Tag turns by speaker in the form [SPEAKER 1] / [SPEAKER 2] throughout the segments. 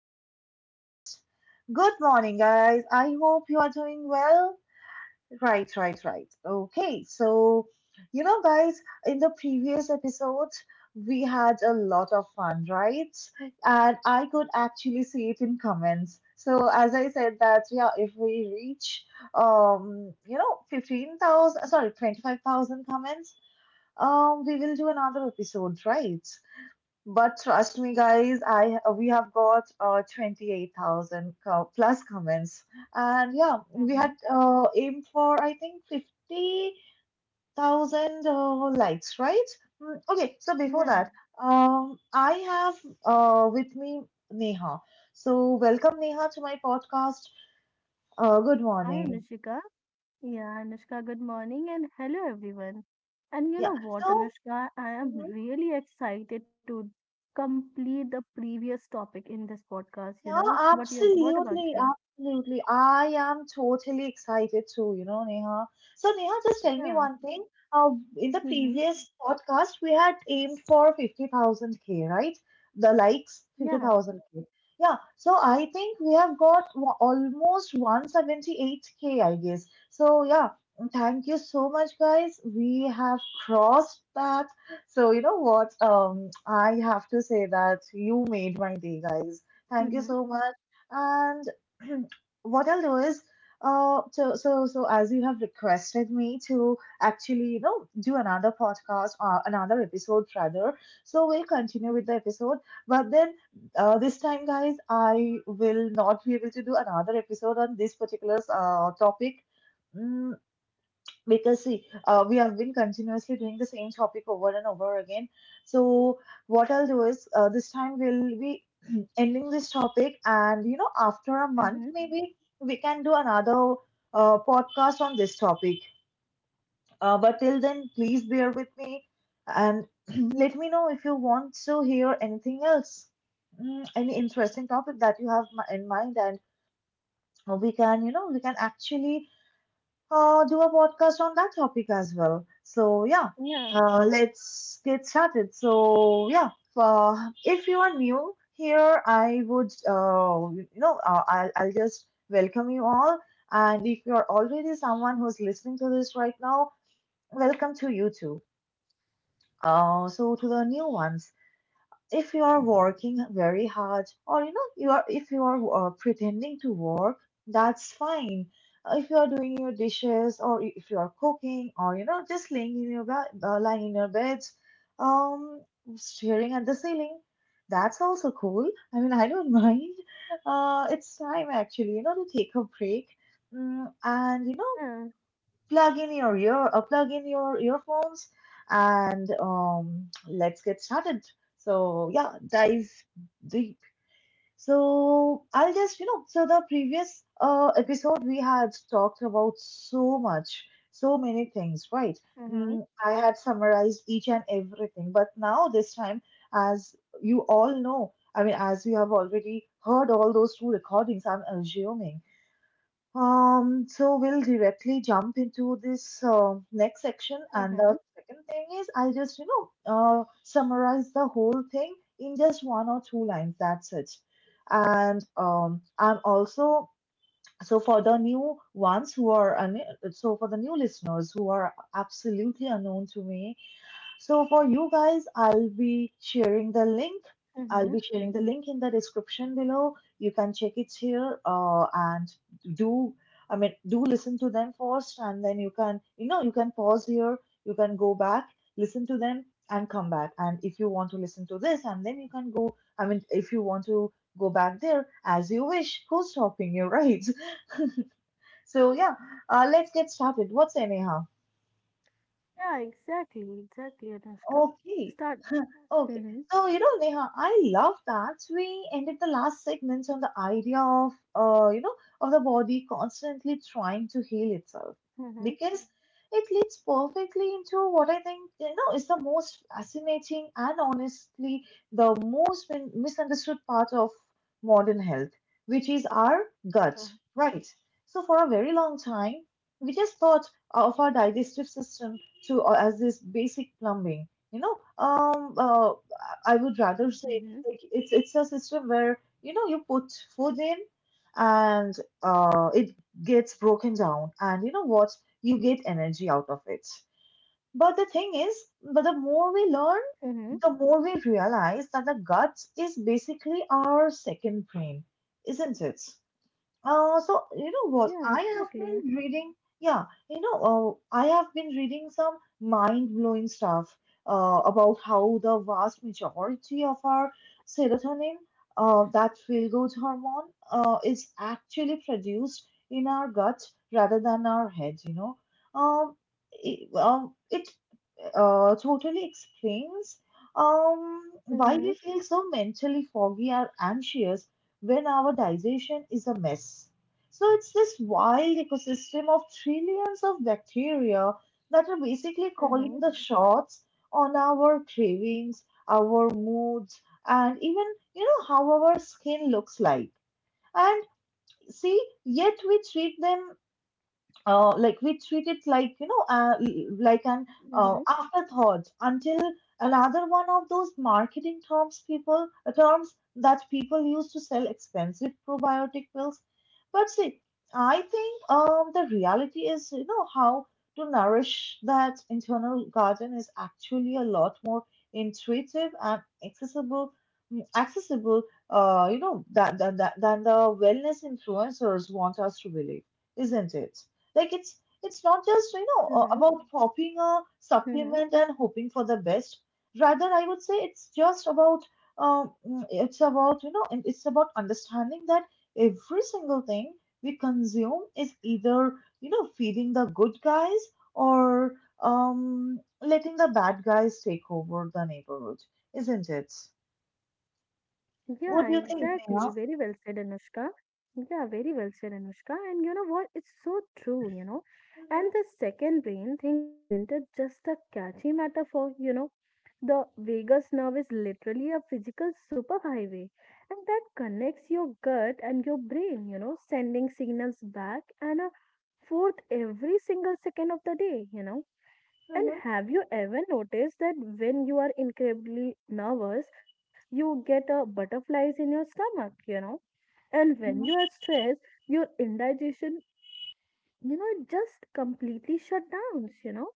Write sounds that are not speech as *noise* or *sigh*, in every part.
[SPEAKER 1] my podcast. Good morning, guys. I hope you are doing well. Right, right, right. Okay, so, guys, in the previous episode, we had a lot of fun, right? And I could actually see it in comments. So, as I said, that yeah, if we reach, 15,000, sorry, 25,000 comments, we will do another episode, right? But trust me, guys, I we have got 28,000 plus comments, and yeah, we
[SPEAKER 2] Mhm.
[SPEAKER 1] had aimed for I think 50,000 likes, right? Okay, so before
[SPEAKER 2] Yeah.
[SPEAKER 1] that, I have with me Neha. So welcome Neha to my podcast. Good
[SPEAKER 2] Hi,
[SPEAKER 1] morning.
[SPEAKER 2] Anushika. Yeah, Anushka, good morning and hello, everyone. And you
[SPEAKER 1] Yeah.
[SPEAKER 2] know what,
[SPEAKER 1] So.
[SPEAKER 2] Anushka, I am really excited to complete the previous topic in this podcast, you
[SPEAKER 1] Yeah,
[SPEAKER 2] know. What you what about
[SPEAKER 1] absolutely,
[SPEAKER 2] you?
[SPEAKER 1] absolutely. I am totally excited too, you know, Neha. So, Neha, just tell me
[SPEAKER 2] Yeah.
[SPEAKER 1] one thing. Uh, in the
[SPEAKER 2] Mm-hmm.
[SPEAKER 1] previous podcast, we had aimed for 50,000K, right? The likes,
[SPEAKER 2] Yeah.
[SPEAKER 1] 50,000K. Yeah, so I think we have got almost 178K, I guess. So, yeah, thank you so much, guys. We have crossed that. So, you know what? I have to say that you made my day, guys. Thank
[SPEAKER 2] Mm-hmm.
[SPEAKER 1] you so much. And *clears throat* what I'll do is, so as you have requested me to actually, you know, do another podcast or another episode rather. So we'll continue with the episode. But then this time, guys, I will not be able to do another episode on this particular topic. Mm, because see, we have been continuously doing the same topic over and over again. So what I'll do is, this time we'll be *clears throat* ending this topic, and you know, after a
[SPEAKER 2] Mm-hmm.
[SPEAKER 1] month maybe we can do another podcast on this topic. But till then, please bear with me and *clears throat* let me know if you want to hear anything else, any interesting topic that you have in mind, and we can, you know, we can actually do a podcast on that topic as well. So, yeah,
[SPEAKER 2] Yeah.
[SPEAKER 1] let's get started. So, yeah, if you are new here, I would, you know, I'll just welcome you all. And if you're already someone who's listening to this right now, welcome to you too. So, to the new ones, if you are working very hard, or you know, you are, if you are pretending to work, that's fine. If you are doing your dishes, or if you are cooking, or you know, just laying in your bed, lying in your bed, um staring at the ceiling, that's also cool. I mean, I don't *laughs* mind. It's time actually, you know, to take a break. Mm, and you
[SPEAKER 2] Yeah.
[SPEAKER 1] plug in your plug in your earphones, and let's get started. So yeah, dive deep. So I'll just, you know, so the previous episode we had talked about so much, so many things, right?
[SPEAKER 2] Mm-hmm.
[SPEAKER 1] I had summarized each and everything, but now this time, as you all know, I mean, as you have already heard all those two recordings, I'm assuming, so we'll directly jump into this next section, and the
[SPEAKER 2] Mm-hmm.
[SPEAKER 1] second thing is I'll just, you know, summarize the whole thing in just one or two lines. That's it. And I'm also, so for the new ones who are so for the new listeners who are absolutely unknown to me, so for you guys, I'll be sharing the link.
[SPEAKER 2] Mm-hmm.
[SPEAKER 1] I'll be sharing the link in the description below. You can check it here, and do, I mean, do listen to them first, and then you can, you know, you can pause here, you can go back, listen to them and come back. And if you want to listen to this and then you can go, I mean, if you want to go back there as you wish, who's stopping you, right? *laughs* So yeah, let's get started. What's anyhow?
[SPEAKER 2] Yeah, exactly. Exactly, Anushka.
[SPEAKER 1] Okay.
[SPEAKER 2] Start.
[SPEAKER 1] Okay.
[SPEAKER 2] Mm-hmm.
[SPEAKER 1] So, you know, Neha, I love that we ended the last segments on the idea of, of the body constantly trying to heal itself,
[SPEAKER 2] Mm-hmm.
[SPEAKER 1] because it leads perfectly into what I think, you know, is the most fascinating and honestly the most misunderstood part of modern health, which is our gut,
[SPEAKER 2] Yeah.
[SPEAKER 1] right? So, for a very long time, we just thought of our digestive system to as this basic plumbing, you know, um uh, I would rather
[SPEAKER 2] Mm-hmm.
[SPEAKER 1] say, like, it's a system where, you know, you put food in and it gets broken down, and you know what, you get energy out of it. But the thing is but the more we learn,
[SPEAKER 2] Mm-hmm.
[SPEAKER 1] the more we realize that the gut is basically our second brain, isn't it? So you know
[SPEAKER 2] Yeah,
[SPEAKER 1] what? I have
[SPEAKER 2] exactly.
[SPEAKER 1] been reading, yeah, you know, I have been reading some mind-blowing stuff about how the vast majority of our serotonin, that feel-good hormone, is actually produced in our gut rather than our head, you know. Um, it, it totally explains, um, why
[SPEAKER 2] Mm-hmm.
[SPEAKER 1] we feel so mentally foggy or anxious when our digestion is a mess. So it's this wild ecosystem of trillions of bacteria that are basically calling
[SPEAKER 2] Mm-hmm.
[SPEAKER 1] the shots on our cravings, our moods, and even, you know, how our skin looks like. And see, yet we treat it like, you know, like an
[SPEAKER 2] Mm-hmm,
[SPEAKER 1] afterthought, until another one of those marketing terms that people use to sell expensive probiotic pills. But see, I think, the reality is, you know, how to nourish that internal garden is actually a lot more intuitive and accessible accessible, than the wellness influencers want us to believe, isn't it? Like, it's not just, you know,
[SPEAKER 2] mm-hmm,
[SPEAKER 1] about copying a
[SPEAKER 2] mm-hmm.
[SPEAKER 1] supplement and hoping for the best. Rather, I would say it's just about um mm, it's about you know and it's about understanding that every single thing we consume is either, you know, feeding the good guys, or letting the bad guys take over the neighborhood, isn't it?
[SPEAKER 2] Yeah,
[SPEAKER 1] What do you think,
[SPEAKER 2] exactly. Very
[SPEAKER 1] Neha?
[SPEAKER 2] well said, Anushka. Yeah, very well said, Anushka. And you know what? It's so true, you know.
[SPEAKER 1] Mm-hmm.
[SPEAKER 2] And the second brain thinks, isn't it just a catchy metaphor? You know, the vagus nerve is literally a physical superhighway, and that connects your gut and your brain, you know, sending signals back and forth every single second of the day, you know. And have you ever noticed that when you are incredibly nervous, you get butterflies in your stomach, you know? And when you are
[SPEAKER 1] Mm-hmm.
[SPEAKER 2] stressed, your indigestion, you know, it just completely shut down, you know?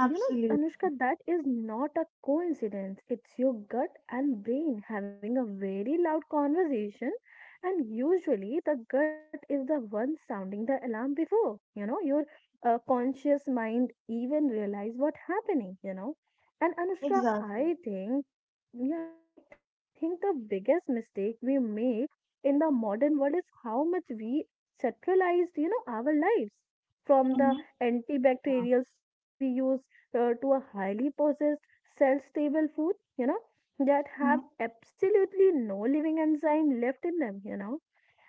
[SPEAKER 2] You know, Anushka, that is not a coincidence. It's your gut and brain having a very loud conversation. And usually, the gut is the one sounding the alarm before, you know, your conscious mind even realize what happening, you know. And Anushka,
[SPEAKER 1] exactly.
[SPEAKER 2] I think yeah, I think the biggest mistake we make in the modern world is how much we centralized, you know, our lives. From the
[SPEAKER 1] Mm-hmm. Yeah.
[SPEAKER 2] antibacterial soaps we use to a highly processed, cell-stable food, you know, that have
[SPEAKER 1] Mm-hmm.
[SPEAKER 2] absolutely no living enzyme left in them, you know.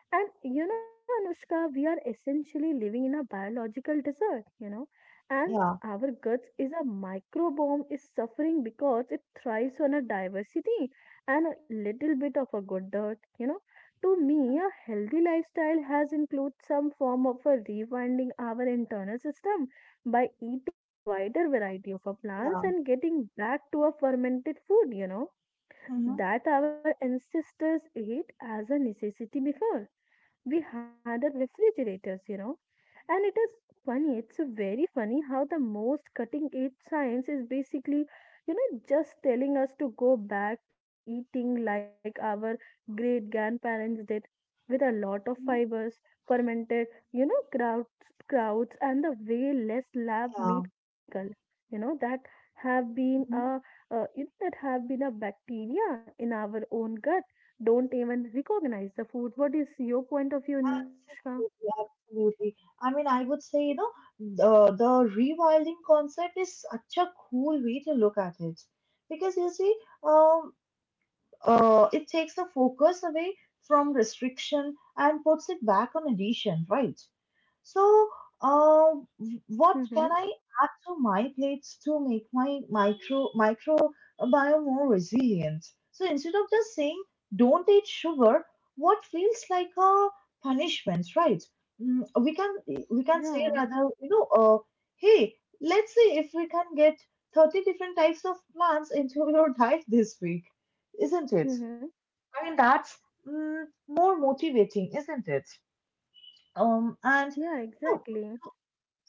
[SPEAKER 2] And you know, Anushka, we are essentially living in a biological desert, you know, and our guts is a microbiome is suffering because it thrives on a diversity and a little bit of a good dirt, you know. To me, a healthy lifestyle has includes some form of a rewinding our internal system by eating a wider variety of our plants
[SPEAKER 1] Yeah.
[SPEAKER 2] and getting back to a fermented food, you know,
[SPEAKER 1] Hmm.
[SPEAKER 2] that our ancestors ate as a necessity before we had a refrigerators, you know, and it is funny, it's a very funny how the most cutting edge science is basically, you know, just telling us to go back to an eating like our great grandparents did with a lot of
[SPEAKER 1] Hmm.
[SPEAKER 2] fibers, fermented, you know, crowds, and the way less lab
[SPEAKER 1] Yeah.
[SPEAKER 2] meat chemical, you know, that have been
[SPEAKER 1] Hmm.
[SPEAKER 2] a that have been a bacteria in our own gut don't even recognize the food. What is your point of view in that, Anushka?
[SPEAKER 1] Absolutely, absolutely. I mean, I would say, you know, the rewilding concept is such a cool way to look at it. Because you see, um, it takes the focus away from restriction and puts it back on addition, right? So, uh, what can
[SPEAKER 2] *laughs*
[SPEAKER 1] I add to my plates to make my microbiome more resilient? So instead of just saying don't eat sugar, what feels like a punishment, right? Mm, we can we can
[SPEAKER 2] Yeah.
[SPEAKER 1] say rather, you know, hey, let's see if we can get 30 different types of plants into your *laughs* diet this week, isn't it?
[SPEAKER 2] Mm-hmm.
[SPEAKER 1] I mean, that's, more motivating, isn't it? Um, and
[SPEAKER 2] Yeah,
[SPEAKER 1] you
[SPEAKER 2] exactly.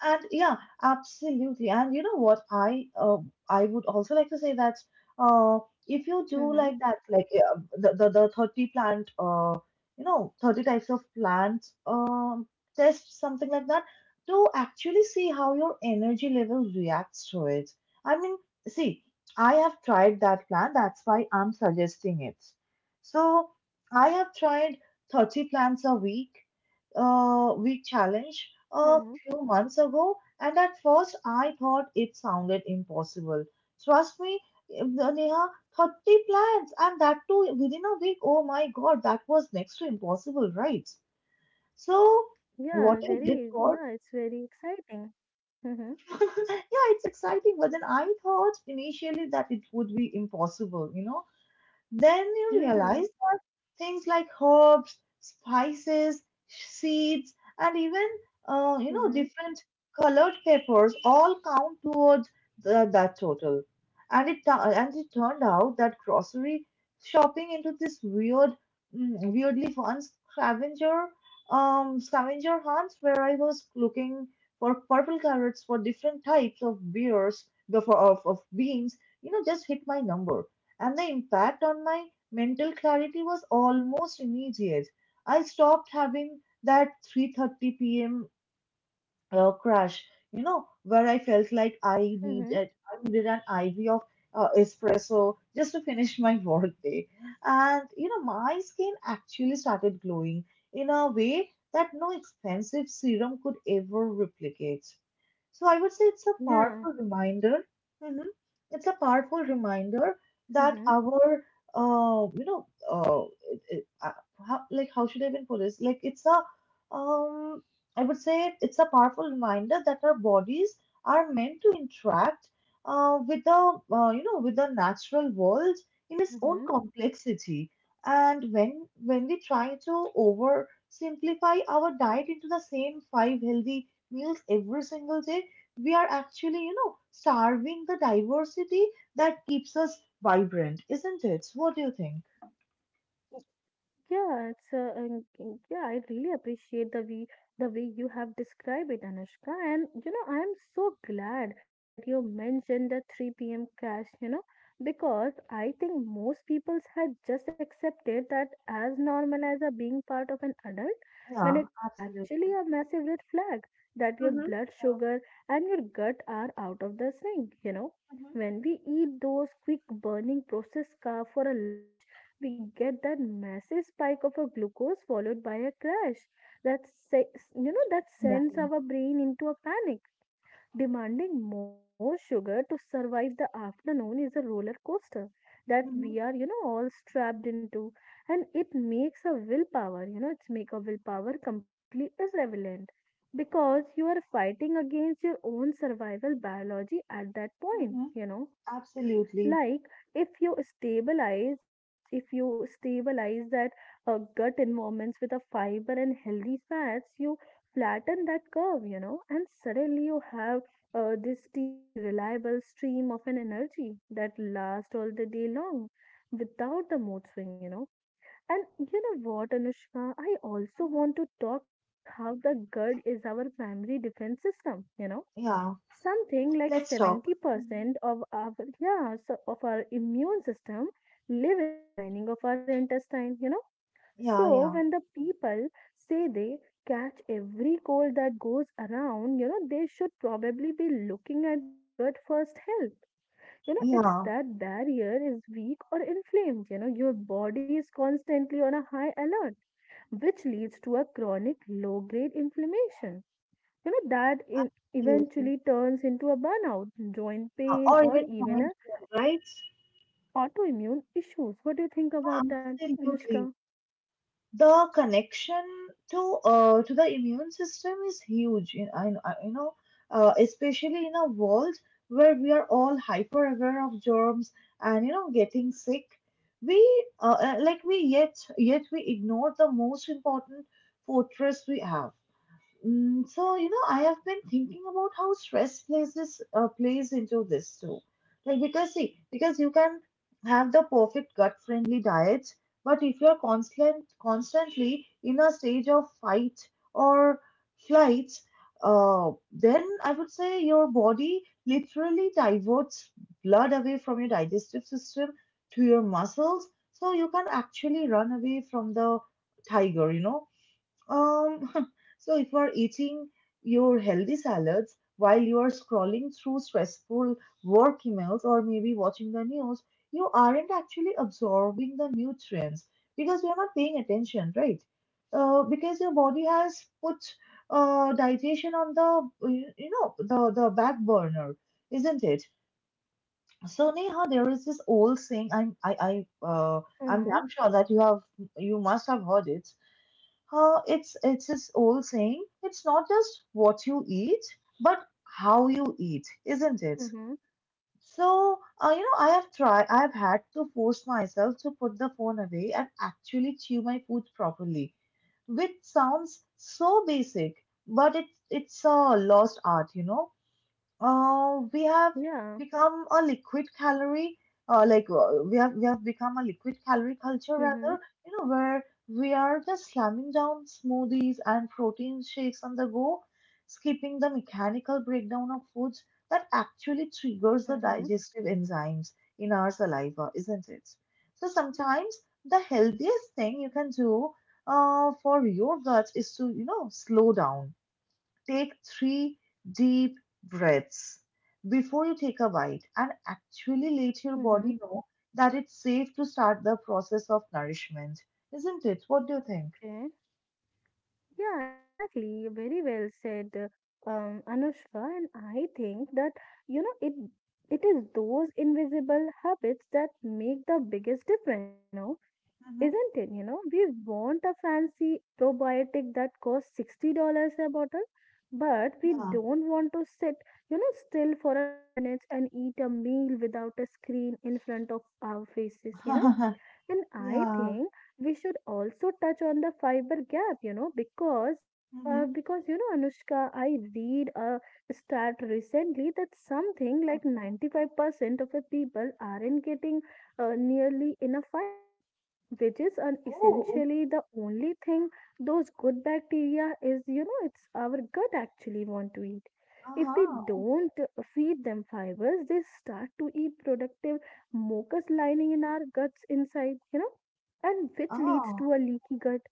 [SPEAKER 1] and yeah, absolutely. And you know what? I would also like to say that, uh, if you do
[SPEAKER 2] Mm-hmm.
[SPEAKER 1] like that, like, the 30 plant, 30 types of plants, test something like that, to actually see how your energy level reacts to it. I mean, see, I have tried that plant. That's why I'm suggesting it. So I have tried 30 week challenge.
[SPEAKER 2] Mm-hmm.
[SPEAKER 1] Few months ago, and at first I thought it sounded impossible. Trust me, Neha, 30 plans, and that too within a week. Oh my God, that was next to impossible, right?
[SPEAKER 2] Yeah,
[SPEAKER 1] So,
[SPEAKER 2] very,
[SPEAKER 1] what
[SPEAKER 2] yeah,
[SPEAKER 1] I
[SPEAKER 2] it's
[SPEAKER 1] did
[SPEAKER 2] very
[SPEAKER 1] was,
[SPEAKER 2] exciting. Mm-hmm.
[SPEAKER 1] *laughs* yeah, it's exciting, but then I thought initially that it would be impossible, you know. Then you
[SPEAKER 2] Yeah.
[SPEAKER 1] realize things like herbs, spices, seeds, and even,
[SPEAKER 2] Mm-hmm.
[SPEAKER 1] different colored peppers all count towards that total. And it turned out that grocery shopping into this weird, weirdly fun scavenger scavenger hunts where I was looking for purple carrots, for different types of beers, of beans, you know, just hit my number. And the impact on my mental clarity was almost immediate. I stopped having that 3:30 p.m. Crash, you know, where I felt like
[SPEAKER 2] Mm-hmm.
[SPEAKER 1] I needed an IV of espresso just to finish my *laughs* work day. And you know, my skin actually started glowing in a way that no expensive serum could ever replicate. So I would say it's a
[SPEAKER 2] Yeah.
[SPEAKER 1] powerful reminder. Mhm. It's a powerful reminder that
[SPEAKER 2] Mm-hmm.
[SPEAKER 1] our, uh, you know, uh, it, it, uh, how, like how should I even put this? Like it's a, um, I would say it's a powerful reminder that our bodies are meant to interact with the, with the natural world in its own
[SPEAKER 2] Mm-hmm.
[SPEAKER 1] complexity. And when we try to over simplify our diet into the same five healthy meals every single day, we are actually starving the diversity that keeps us vibrant, isn't it? What do you think?
[SPEAKER 2] Yeah, it's yeah. I really appreciate the way you have described it, Anushka. And you know, I am so glad that you mentioned the 3 p.m. crash. You know, because I think most people had just accepted that as normal as a being part of an adult, when
[SPEAKER 1] Yeah,
[SPEAKER 2] it is actually
[SPEAKER 1] absolutely.
[SPEAKER 2] a massive red flag that your
[SPEAKER 1] Mm-hmm.
[SPEAKER 2] blood sugar and your gut are out of the sync. You know,
[SPEAKER 1] Mhm.
[SPEAKER 2] when we eat those quick burning processed carbs for a lunch, we get that massive spike of a glucose followed by a crash that se- you know that sends
[SPEAKER 1] Exactly.
[SPEAKER 2] our brain into a panic demanding more sugar to survive the afternoon is a roller coaster that we
[SPEAKER 1] Mhm.
[SPEAKER 2] are, you know, all strapped into, and it makes a willpower, you know, it's make a willpower completely irrelevant because you are fighting against your own survival biology at that point,
[SPEAKER 1] Mhm.
[SPEAKER 2] you know.
[SPEAKER 1] Absolutely.
[SPEAKER 2] Like if you stabilize, you know, if you stabilize that gut environments with a fiber and healthy fats, you flatten that curve, you know, and suddenly you have this steady reliable stream of an energy that lasts all the day long without the mood swing, you know. And you know what, Anushka, I also
[SPEAKER 1] Mhm.
[SPEAKER 2] want to talk about how the gut is our primary defense system, you know,
[SPEAKER 1] Yeah,
[SPEAKER 2] something like
[SPEAKER 1] let's talk. Mhm.
[SPEAKER 2] 70% of our yeah so of our immune system live in the lining of our intestine, you know.
[SPEAKER 1] Yeah,
[SPEAKER 2] So
[SPEAKER 1] yeah,
[SPEAKER 2] when the people say they catch every cold that goes around, you know, they should probably be looking at their gut first health. You know it's
[SPEAKER 1] yeah,
[SPEAKER 2] that barrier is weak or inflamed, you know, your body is constantly on a high alert, which leads to a chronic low grade inflammation, you know, that in,
[SPEAKER 1] absolutely.
[SPEAKER 2] eventually turns into a burnout, joint
[SPEAKER 1] Yeah.
[SPEAKER 2] pain,
[SPEAKER 1] Or
[SPEAKER 2] or
[SPEAKER 1] even
[SPEAKER 2] even a
[SPEAKER 1] joint goal, right?
[SPEAKER 2] autoimmune issues. What do you think about
[SPEAKER 1] Yeah,
[SPEAKER 2] that, Anushka?
[SPEAKER 1] absolutely. The connection to to the immune system is huge. In, I you know, Especially in a world where we are all hyper aware of germs and getting sick, we like we yet yet we ignore the most important fortress we have. Mm, so I have been thinking about how stress plays this plays into this too. Because you can have the perfect gut-friendly diet, but if you're constantly in a stage of fight or flight, then I would say your body literally diverts blood away from your digestive system to your muscles, so you can actually run away from the tiger. Um, *laughs* so if you are eating your healthy salads while you are scrolling through stressful work emails or maybe watching the news, you aren't actually absorbing the nutrients because you're not paying attention, right? Because your body has put digestion on the you you know the back burner, isn't it? So Neha, there is this old saying. I'm I I'm
[SPEAKER 2] Mm-hmm.
[SPEAKER 1] damn sure that you must have heard it. It's this old saying. It's not just what you eat, but how you eat, isn't it?
[SPEAKER 2] Mm-hmm.
[SPEAKER 1] So, I have tried. I have had to force myself to put the phone away and actually chew my food properly, which sounds so basic, but it's a lost art, you know. We have
[SPEAKER 2] Yeah.
[SPEAKER 1] become a liquid calorie, like We have we have become a liquid calorie culture
[SPEAKER 2] Mm-hmm.
[SPEAKER 1] rather, you know, where we are just slamming down smoothies and protein shakes on the go, skipping the mechanical breakdown of foods that actually triggers the
[SPEAKER 2] Mm-hmm.
[SPEAKER 1] digestive enzymes in our saliva, isn't it? So sometimes the healthiest thing you can do, for your gut is to, you know, slow down, take three deep breaths before you take a bite and actually let your
[SPEAKER 2] Mm-hmm.
[SPEAKER 1] body know that it's safe to start the process of nourishment. Isn't it? What do you think?
[SPEAKER 2] Okay. Yeah, exactly. Very well said, Anushka. And I think that, you know, it is those invisible habits that make the biggest difference, you know.
[SPEAKER 1] Mm-hmm.
[SPEAKER 2] Isn't it? You know, we want a fancy probiotic that costs $60 a bottle, but we don't want to sit, you know, still for a 10 minutes and eat a meal without a screen in front of our faces, you know.
[SPEAKER 1] Yeah.
[SPEAKER 2] And
[SPEAKER 1] *laughs*
[SPEAKER 2] I
[SPEAKER 1] Yeah.
[SPEAKER 2] think we should also touch on the fiber gap, you know, because
[SPEAKER 1] Mm-hmm.
[SPEAKER 2] uh, because you know, Anushka, I read a stat recently that something like
[SPEAKER 1] Okay.
[SPEAKER 2] 95% of the people aren't getting nearly enough fiber, which is an
[SPEAKER 1] Oh.
[SPEAKER 2] essentially the only thing those good bacteria is, you know, it's our gut actually want to eat.
[SPEAKER 1] Uh
[SPEAKER 2] If we
[SPEAKER 1] huh.
[SPEAKER 2] don't feed them fibers, they start to eat productive mucus lining in our guts inside, you know, and which leads
[SPEAKER 1] Oh.
[SPEAKER 2] to a leaky gut.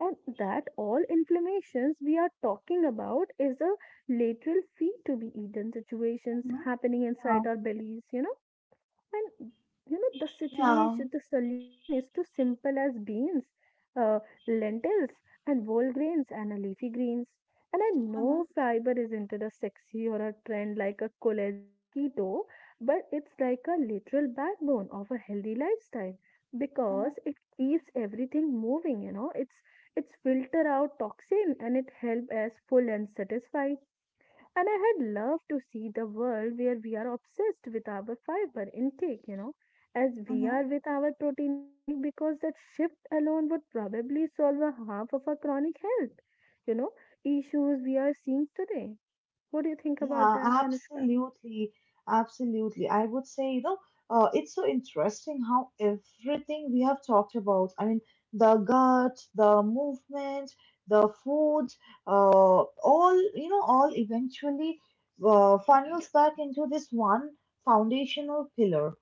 [SPEAKER 2] And that all inflammations we are talking about is a lateral feed to be eaten situations
[SPEAKER 1] Mm-hmm.
[SPEAKER 2] happening
[SPEAKER 1] Yeah.
[SPEAKER 2] inside our bellies, you know. And you know, the
[SPEAKER 1] Yeah.
[SPEAKER 2] situation, the solution is too simple as beans, uh, lentils, and whole grains and a leafy greens. And I
[SPEAKER 1] Mm-hmm.
[SPEAKER 2] know fiber isn't it a sexy or a trend like a collagen or keto, but it's like a literal backbone of a healthy lifestyle because it keeps everything moving. You know, it's filter out toxin and it helps us full and satisfied. And I had loved to see the world where we are obsessed with our fiber intake, you know, as we
[SPEAKER 1] Mm-hmm.
[SPEAKER 2] are with our protein intake, because that shift alone would probably solve a half of our chronic health, you know, issues we are seeing today. What do you think about
[SPEAKER 1] Yeah,
[SPEAKER 2] that, Anushka?
[SPEAKER 1] absolutely. Absolutely. I would say, you know, it's so interesting how everything we have talked about, I mean, the gut, the movement, the food, all eventually funnels back into this one foundational pillar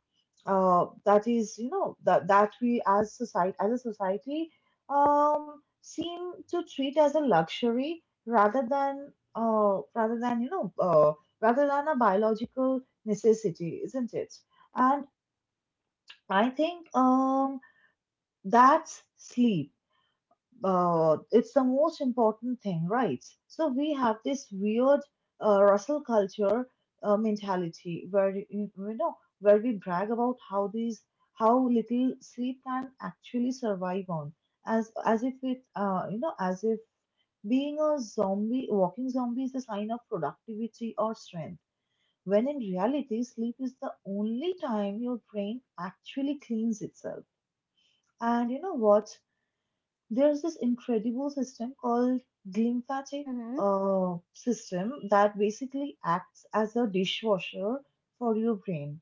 [SPEAKER 1] that is, that we as a society seem to treat as a luxury rather than a biological necessity, isn't it? And I think that's sleep. It's the most important thing, right? So we have this weird Russell culture mentality where you know where we brag about how little sleep can actually survive on, as if it you know as if being a zombie, walking zombie is a sign of productivity or strength. When in reality, sleep is the only time your brain actually cleans itself. And you know what? There's this incredible system called glymphatic
[SPEAKER 2] Mm-hmm.
[SPEAKER 1] system that basically acts as a dishwasher for your brain.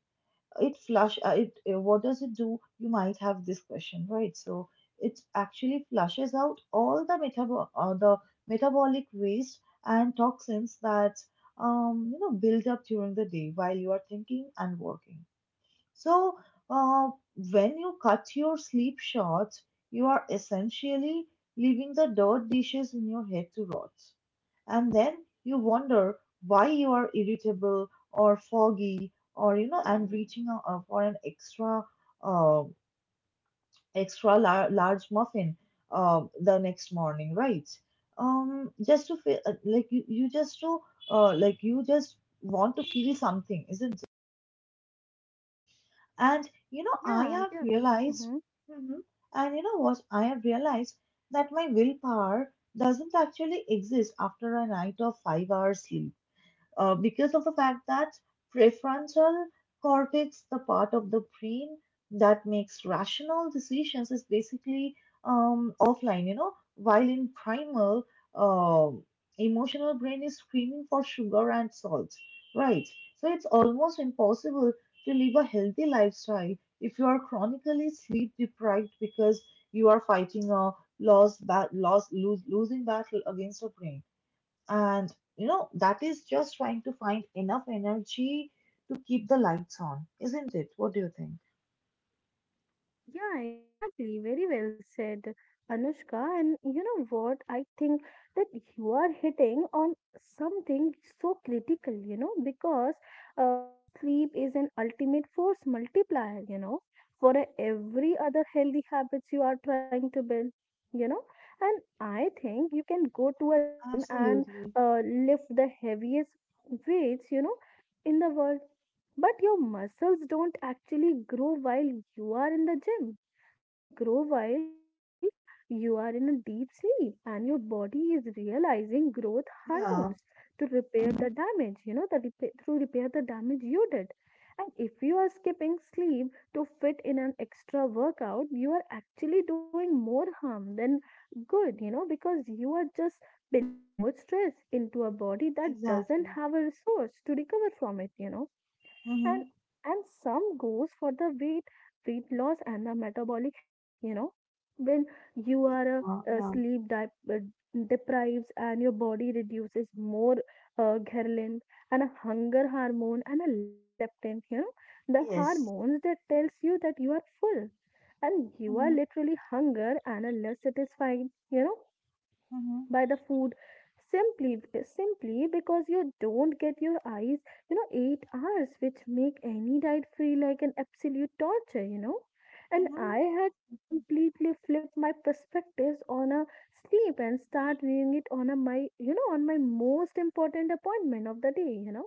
[SPEAKER 1] It flush it. What does it do? You might have this question, right? So it actually flushes out the metabolic waste and toxins that build up during the day while you are thinking and working. So, uh, when you cut your sleep short, you are essentially leaving the dirt dishes in your head to rot. And then you wonder why you are irritable or foggy, or, you know, and reaching out for an uh, large muffin the next morning, right? Just to feel like you just to, like you just want to feel something, isn't And you know, I
[SPEAKER 2] Yeah,
[SPEAKER 1] have
[SPEAKER 2] yeah.
[SPEAKER 1] realized,
[SPEAKER 2] Mm-hmm.
[SPEAKER 1] Mhm. And you know what? I have realized that my willpower doesn't actually exist after a night of 5 hours sleep, because of the fact that prefrontal cortex, the part of the brain that makes rational decisions, is basically offline, you know, while in primal, um emotional brain is screaming for sugar and salt, right? So it's almost impossible to live a healthy lifestyle if you are chronically sleep deprived because you are fighting a loss, ba- loss, lose, losing battle against your brain. And you know, that is just trying to find enough energy to keep the lights on, isn't it? What do you think?
[SPEAKER 2] Yeah, exactly. Very well said, Anushka. And you know what? I think that you are hitting on something so critical, you know, because uh, sleep is an ultimate force multiplier, you know, for every other healthy habits you are trying to build, you know. And I think you can go to a gym and
[SPEAKER 1] Absolutely.
[SPEAKER 2] uh, lift the heaviest weights, you know, in the world but your muscles don't actually grow while you are in the gym. They grow while you are in a deep sleep and your body is realizing growth hormones
[SPEAKER 1] Yeah.
[SPEAKER 2] to repair the
[SPEAKER 1] Hmm.
[SPEAKER 2] damage, you know, to repair the damage you did. And if you are skipping sleep to fit in an extra workout, you are actually doing more harm than good, you know, because you are just building more stress into a body that doesn't
[SPEAKER 1] Exactly.
[SPEAKER 2] have a resource to recover from it, you know.
[SPEAKER 1] Mm-hmm.
[SPEAKER 2] and and some goes for the weight loss and the metabolic health, you know, when you are
[SPEAKER 1] Yeah.
[SPEAKER 2] uh,
[SPEAKER 1] Yeah.
[SPEAKER 2] sleep di- uh, deprives and your body reduces more ghrelin and a hunger hormone and a less leptin, you know, the
[SPEAKER 1] Yes.
[SPEAKER 2] hormones that tells you that you are full and you are
[SPEAKER 1] Mm-hmm.
[SPEAKER 2] literally hunger and are less satisfied, you know,
[SPEAKER 1] Mm-hmm.
[SPEAKER 2] by the food, simply simply because you don't get your eyes, you know, 8 hours which make any diet feel like an absolute torture, you know. And
[SPEAKER 1] Mm-hmm.
[SPEAKER 2] I had to completely flip my perspectives on a sleep and start viewing it on a my, you know, on my most important appointment of the day, you know,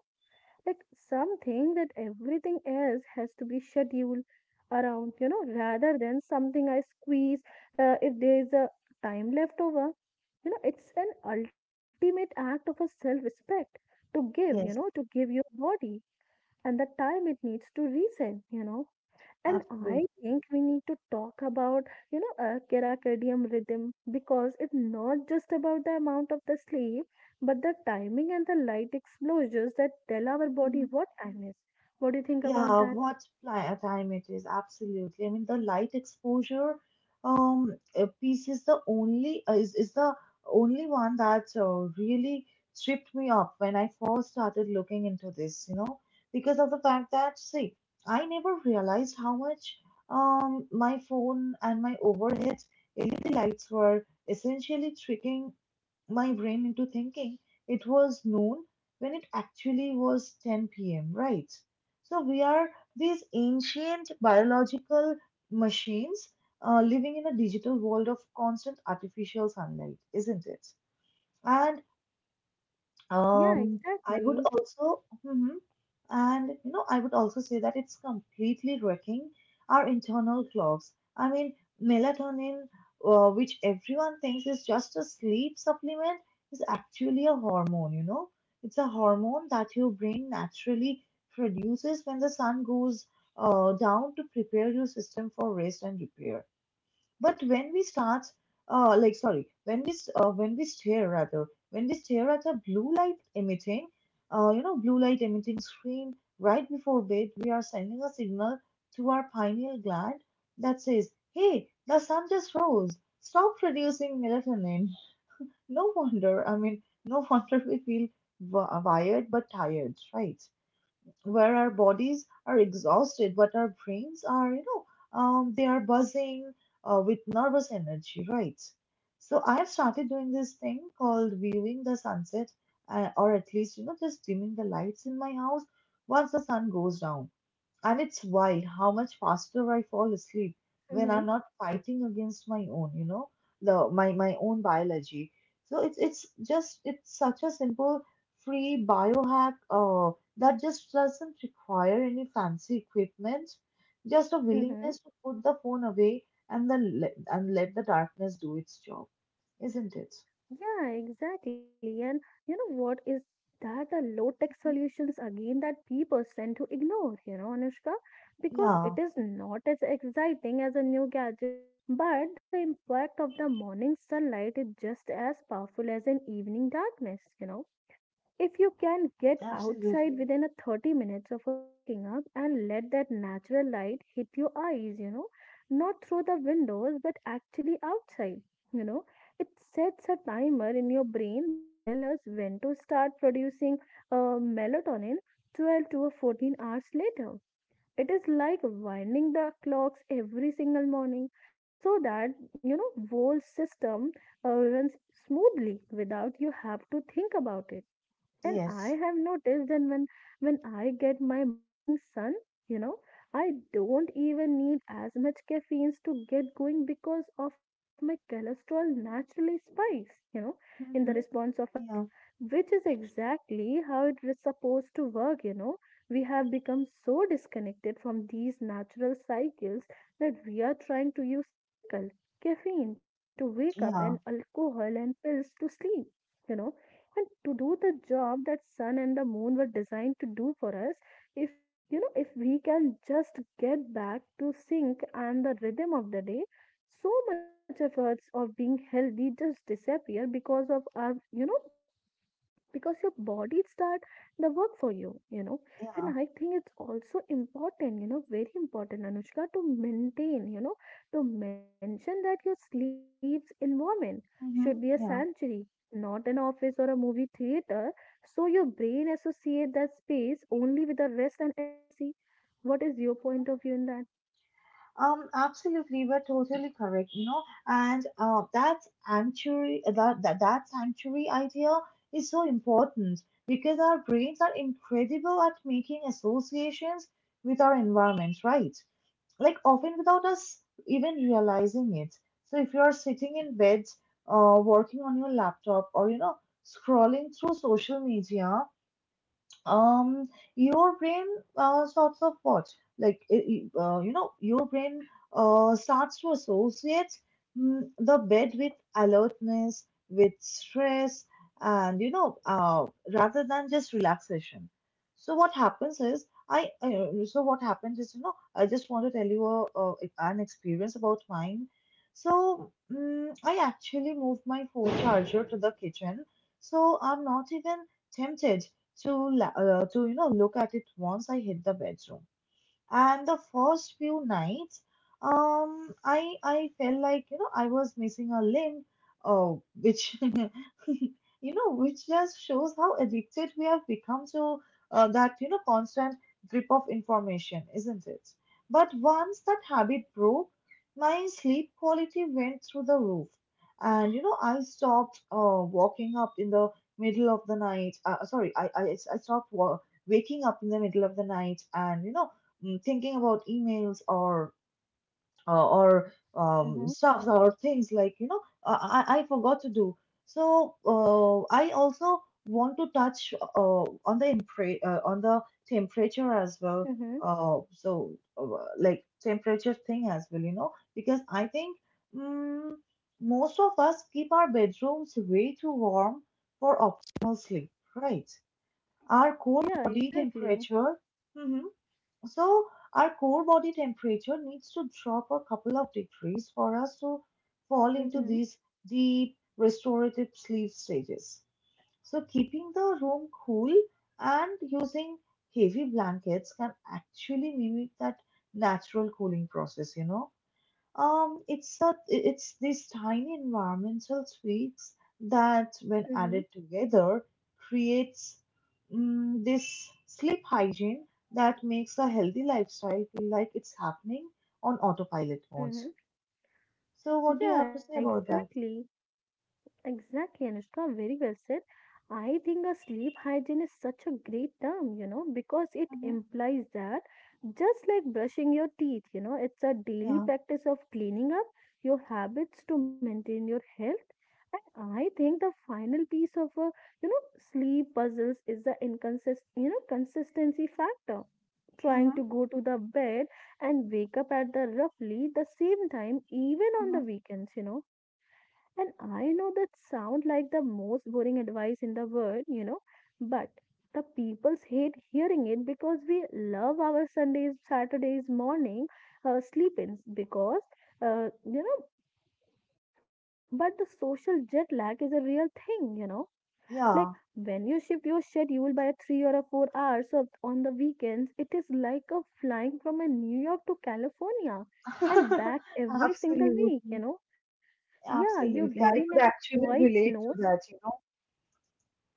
[SPEAKER 2] like something that everything else has to be scheduled around, you know, rather than something I squeeze if there is a time left over, you know. It's an ultimate act of a self respect to give, you know,
[SPEAKER 1] Yes.
[SPEAKER 2] to give your body and the time it needs to reason, you know. And I
[SPEAKER 1] Absolutely.
[SPEAKER 2] think we need to talk about, you know, a circadian rhythm because it's not just about the amount of the sleep but the timing and the light exposures that tell our body what time is. What do you think about
[SPEAKER 1] Yeah,
[SPEAKER 2] that?
[SPEAKER 1] time it is, absolutely. I mean, the light exposure piece is the only one that really tripped me up when I first started looking into this, you know, because of the fact that see, I never realized how much my phone and my overhead LED lights were essentially tricking my brain into thinking it was noon when it actually was 10 p.m., right? So we are these ancient biological machines living in a digital world of constant artificial sunlight, isn't it? And
[SPEAKER 2] Yeah,
[SPEAKER 1] um,
[SPEAKER 2] exactly.
[SPEAKER 1] Mhm. And you know, I would also say that it's completely wrecking our internal clocks. I mean, melatonin, which everyone thinks is just a sleep supplement, is actually a hormone, you know. It's a hormone that your brain naturally produces when the sun goes down to prepare your system for rest and repair. But when we start, like sorry, when we s- when we stare rather, when we stare at a blue light emitting, blue light emitting screen right before bed, we are sending a signal to our pineal gland that says, "Hey, the sun just rose. Stop producing melatonin." *laughs* No wonder. I mean, no *laughs* wonder we feel wired but tired, right? Where our bodies are exhausted, but our brains are, you know, they are buzzing with nervous energy, right? So I have started doing this thing called viewing the sunset, or at least, you know, just dimming the lights in my house once the sun goes down. And it's wild how much faster I fall asleep when
[SPEAKER 2] Mm-hmm.
[SPEAKER 1] I'm not fighting against my own, you know, the my my own biology. So it's such a simple free biohack that just doesn't require any fancy equipment, just a
[SPEAKER 2] Mm-hmm.
[SPEAKER 1] willingness to put the phone away and let the darkness do its job, isn't it?
[SPEAKER 2] Yeah, exactly. And you know what is that the low tech solutions again that people tend to ignore, you know, Anushka, because
[SPEAKER 1] Yeah,
[SPEAKER 2] it is not as exciting as a new gadget, but the impact of the morning sunlight is just as powerful as an evening darkness, you know. If you can get outside
[SPEAKER 1] absolutely.
[SPEAKER 2] within a 30 minutes of a walking up, and let that natural light hit your eyes, you know, not through the windows but actually outside, you know, it sets a timer in your brain that tell us when to start producing melatonin 12 to 14 hours later. It is like winding the clocks every single morning so that you know whole system runs smoothly without you have to think about it. And I
[SPEAKER 1] Yes.
[SPEAKER 2] have noticed that when I get my morning sun, you know, I don't even need as much caffeine to get going because of my cholesterol naturally spikes, you know, in the
[SPEAKER 1] Mm-hmm.
[SPEAKER 2] response of a light,
[SPEAKER 1] Yeah.
[SPEAKER 2] which is exactly how it is supposed to work, you know. We have become so disconnected from these natural cycles that we are trying to use chemical caffeine to wake up and
[SPEAKER 1] Yeah.
[SPEAKER 2] alcohol and pills to sleep, you know, and to do the job that sun and the moon were designed to do for us. If, you know, if we can just get back to sync and the rhythm of the day, so much efforts of being healthy just disappear because of our. Because your body start the work for you, you know. And
[SPEAKER 1] Yeah.
[SPEAKER 2] I think it's also important, you know, very important, Anushka, to maintain, you know, to mention that your sleep's environment should be a
[SPEAKER 1] Mm-hmm.
[SPEAKER 2] sanctuary,
[SPEAKER 1] Yeah.
[SPEAKER 2] not an office or a movie theater, so your brain associate that space only with the rest and intimacy. What is your point of view in that?
[SPEAKER 1] Absolutely, we're totally correct, you know, and that sanctuary, that sanctuary idea is so important because our brains are incredible at making associations with our environment, right? Like often without us even realizing it. So if you're sitting in bed, working on your laptop, or you know, scrolling through social media, um your brain sorts of what like I- you know your brain starts to associate the bed with alertness, with stress, and you know rather than just relaxation. so what happens is i uh, so what happened is, you know, I just want to tell you an experience about mine. So mm I actually moved my phone charger to the kitchen so I'm not even tempted to, you know, look at it once I hit the bedroom. And the first few nights, I felt like, you know, I was missing a link, uh, which *laughs* you know, which just shows how addicted we have become to that, you know, constant drip of information, isn't it? But once that habit broke, my sleep quality went through the roof. And you know, I stopped walking up in the middle of the night sorry I stopped waking up in the middle of the night and, you know, thinking about emails or
[SPEAKER 2] Mm-hmm,
[SPEAKER 1] stuff or things I forgot to do. So I also want to touch on the temperature as well.
[SPEAKER 2] mm-hmm.
[SPEAKER 1] Uh, so uh, like temperature thing as well, you know, because I think mm, most of us keep our bedrooms way too warm for optimal sleep, right? Our core
[SPEAKER 2] Yeah,
[SPEAKER 1] body
[SPEAKER 2] exactly.
[SPEAKER 1] temperature. Mm-hmm. So our core body temperature needs to drop a couple of degrees for us to fall
[SPEAKER 2] Mm-hmm,
[SPEAKER 1] into these deep restorative sleep stages. So keeping the room cool and using heavy blankets can actually mimic that natural cooling process, you know. It's these tiny environmental tweaks that, when
[SPEAKER 2] mm-hmm,
[SPEAKER 1] added together, creates this sleep hygiene that makes a healthy lifestyle feel like it's happening on autopilot mode.
[SPEAKER 2] mm-hmm.
[SPEAKER 1] So, what do you
[SPEAKER 2] Yeah,
[SPEAKER 1] have to say about that?
[SPEAKER 2] exactly. Exactly, Anushka, very well said. I think a sleep hygiene is such a great term, you know, because it
[SPEAKER 1] Hmm.
[SPEAKER 2] implies that just like brushing your teeth, you know, it's a daily
[SPEAKER 1] Yeah.
[SPEAKER 2] practice of cleaning up your habits to maintain your health. And I think the final piece of a, you know, sleep puzzles is the consistency factor. Trying
[SPEAKER 1] Mm-hmm.
[SPEAKER 2] to go to the bed and wake up at the roughly the same time, even on
[SPEAKER 1] Mm-hmm.
[SPEAKER 2] the weekends, you know. And I know that sound like the most boring advice in the world, you know, but the peoples hate hearing it because we love our Sundays, Saturdays, morning sleep-ins because, uh, you know, but the social jet lag is a real thing, you know. Like
[SPEAKER 1] Yeah.
[SPEAKER 2] when you shift your schedule by a three or a 4 hours of, on the weekends, it is like a flying from a New York to California and
[SPEAKER 1] *laughs*
[SPEAKER 2] back every single
[SPEAKER 1] Absolutely,
[SPEAKER 2] week, you know. Yeah, your body
[SPEAKER 1] absolutely. I
[SPEAKER 2] never
[SPEAKER 1] could actually
[SPEAKER 2] quite
[SPEAKER 1] relate
[SPEAKER 2] knows.
[SPEAKER 1] to that, you know.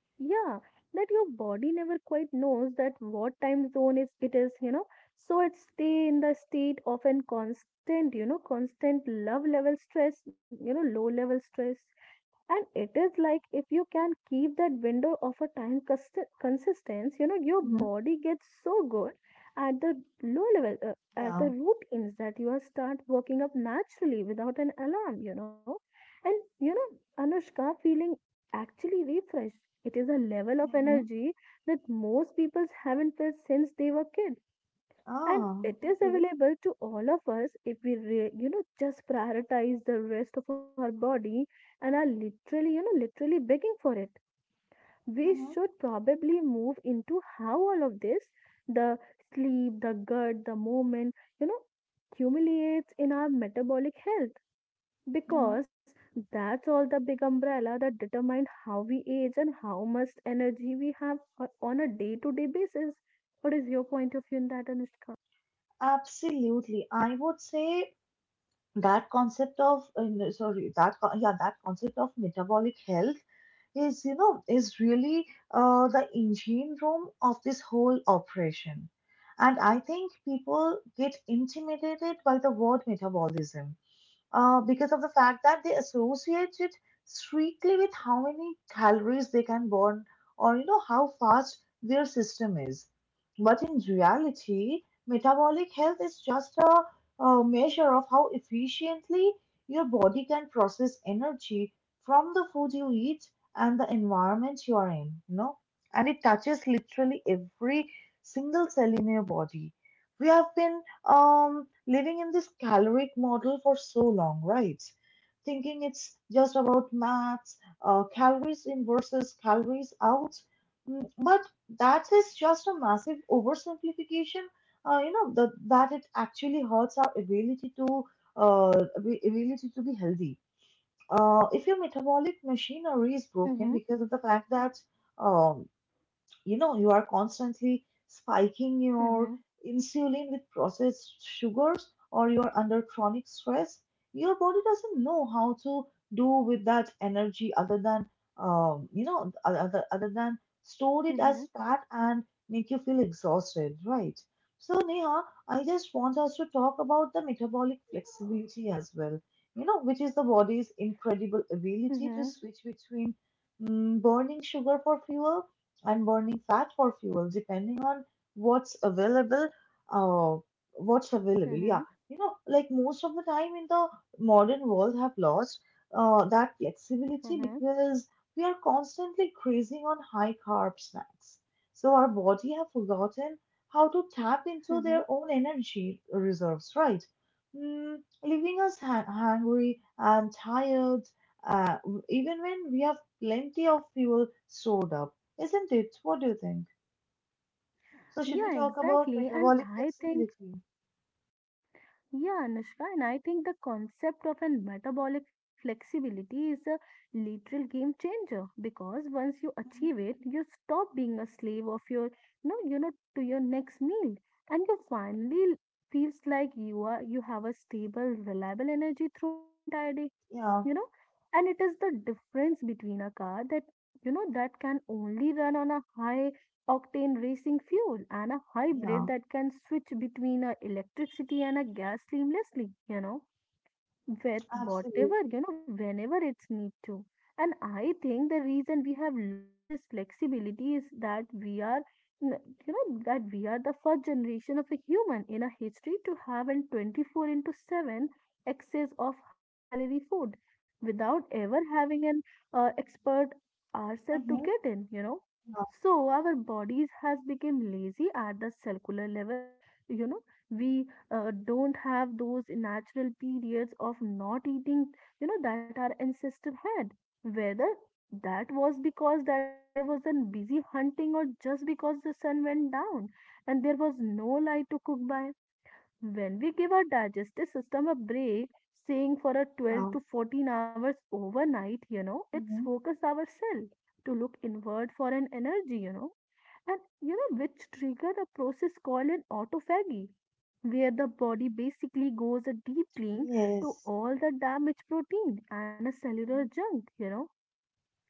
[SPEAKER 2] Yeah, that your body never quite knows that what time zone is it is, you know. So it stay in the state of an constant, you know, constant love level stress, you know, low level stress, and it is like if you can keep that window of a time consistence, you know, your
[SPEAKER 1] Hmm.
[SPEAKER 2] body gets so good at the low level at
[SPEAKER 1] Yeah.
[SPEAKER 2] the routines that you are start working up naturally without an alarm, you know. And you know, Anushka, feeling actually refreshed, it is a level of
[SPEAKER 1] Mm-hmm.
[SPEAKER 2] energy that most people haven't felt since they were kids, and
[SPEAKER 1] Ah,
[SPEAKER 2] it is
[SPEAKER 1] okay.
[SPEAKER 2] available to all of us if we just prioritize the rest of our body and are literally, you know, literally begging for it. We
[SPEAKER 1] Mm-hmm.
[SPEAKER 2] should probably move into how all of this, the sleep, the gut, the movement, you know, accumulates in our metabolic health, because that's all the big umbrella that determines how we age and how much energy we have on a day to day basis. What is your point of view in that, Anushka?
[SPEAKER 1] Absolutely. I would say that concept of, no, sorry, yeah, that concept of metabolic health is, you know, is really the engine room of this whole operation. And I think people get intimidated by the word metabolism because of the fact that they associate it strictly with how many calories they can burn, or you know, how fast their system is. But in reality, metabolic health is just a measure of how efficiently your body can process energy from the food you eat and the environment you are in, you know. And it touches literally every single cell in your body. We have been living in this caloric model for so long, right, thinking it's just about maths, calories in versus calories out. But that is just a massive oversimplification. You know that it actually hurts our ability to, ability to be healthy, if your metabolic machinery is broken
[SPEAKER 2] Mhm.
[SPEAKER 1] because of the fact that um, you know, you are constantly spiking your
[SPEAKER 2] Mhm,
[SPEAKER 1] insulin with processed sugars, or you're under chronic stress. Your body doesn't know how to do with that energy other than, you know, other than store it as
[SPEAKER 2] mhm,
[SPEAKER 1] fat and make you feel exhausted, right? So, Neha, I just want us to talk about the metabolic flexibility as well, you know, which is the body's incredible ability
[SPEAKER 2] mhm,
[SPEAKER 1] to switch between, burning sugar for fuel and burning fat for fuel, depending on what's available. Uh,
[SPEAKER 2] mhm,
[SPEAKER 1] yeah. You know, like, most of the time in the modern world have lost that flexibility
[SPEAKER 2] mhm,
[SPEAKER 1] because we are constantly grazing on high carb snacks. So our body have forgotten how to tap into
[SPEAKER 2] mhm.
[SPEAKER 1] their own energy reserves, right? Mm, Leaving us hungry and tired, uh, even when we have plenty of fuel stored up. Isn't it? What do you think? So, should
[SPEAKER 2] Yeah,
[SPEAKER 1] we talk about
[SPEAKER 2] exactly. And
[SPEAKER 1] metabolic
[SPEAKER 2] I think
[SPEAKER 1] flexibility?
[SPEAKER 2] Yeah, Anushka, and I think the concept of an metabolic flexibility is a literal game changer because once you
[SPEAKER 1] Hmm.
[SPEAKER 2] achieve it, you stop being a slave of your no, you know, to your next meal, and you finally feels like you are you have a stable, reliable energy throughout the entire day,
[SPEAKER 1] Yeah,
[SPEAKER 2] you know, and it is the difference between a car that, you know, that can only run on a high octane racing fuel and a hybrid
[SPEAKER 1] yeah,
[SPEAKER 2] that can switch between a electricity and a gas seamlessly, you know, with
[SPEAKER 1] absolutely.
[SPEAKER 2] whatever, you know, whenever it's need to. And I think the reason we have lost this flexibility is that we are, n- you know, that we are the first generation of a human in a history to have an 24 into 7 excess of high calorie food without ever having an expert ourselves to
[SPEAKER 1] Hmm.
[SPEAKER 2] get in, you know.
[SPEAKER 1] Yeah,
[SPEAKER 2] So our bodies has become lazy at the cellular level, you know. We don't have those natural periods of not eating, you know, that our ancestors had. Whether that was because that they wasn't busy hunting or just because the sun went down and there was no light to cook by. When we give our digestive system a break, saying for a 12
[SPEAKER 1] yeah.
[SPEAKER 2] to 14 hours overnight, you know, it's
[SPEAKER 1] Hmm.
[SPEAKER 2] focus our cell to look inward for an energy, you know, and you know which triggered a process called an autophagy where the body basically goes a deep clean to
[SPEAKER 1] Yes.
[SPEAKER 2] all the damaged protein and a cellular
[SPEAKER 1] Hmm.
[SPEAKER 2] junk, you know.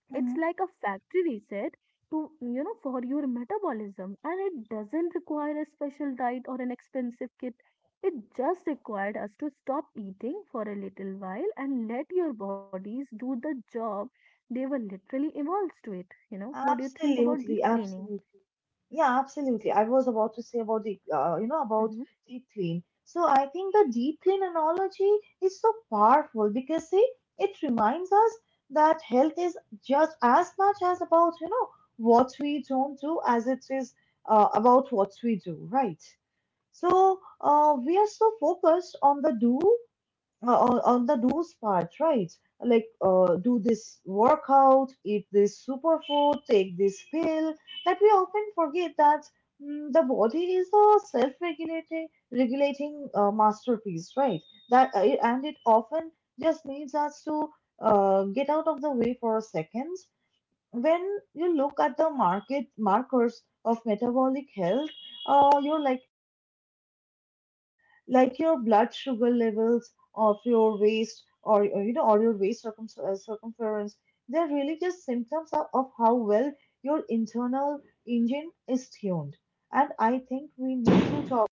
[SPEAKER 2] It's like
[SPEAKER 1] Hmm.
[SPEAKER 2] a factory reset to, you know, for your metabolism, and it doesn't require a special diet or an expensive kit. It just required us to stop eating for a little while and let your bodies do the job they were literally evolved to it, you know. What do you think about
[SPEAKER 1] Absolutely,
[SPEAKER 2] deep cleaning?
[SPEAKER 1] absolutely. Yeah, absolutely. I was about to say about the, you know, about
[SPEAKER 2] Mm-hmm.
[SPEAKER 1] deep clean. So I think the deep clean analogy is so powerful because, see, it reminds us that health is just as much as about, you know, what we don't do as it is about what we do, right? So, we are so focused on the do, on the do's part, right? Like, do this workout, eat this superfood, take this pill. That we often forget that, the body is a self-regulating regulating masterpiece, right? That, and it often just needs us to, get out of the way for a second. When you look at the market markers of metabolic health, you're like your blood sugar levels of your waist, or, you know, or your waist circumference. They're really just symptoms of how well your internal engine is tuned. And I think we need to talk,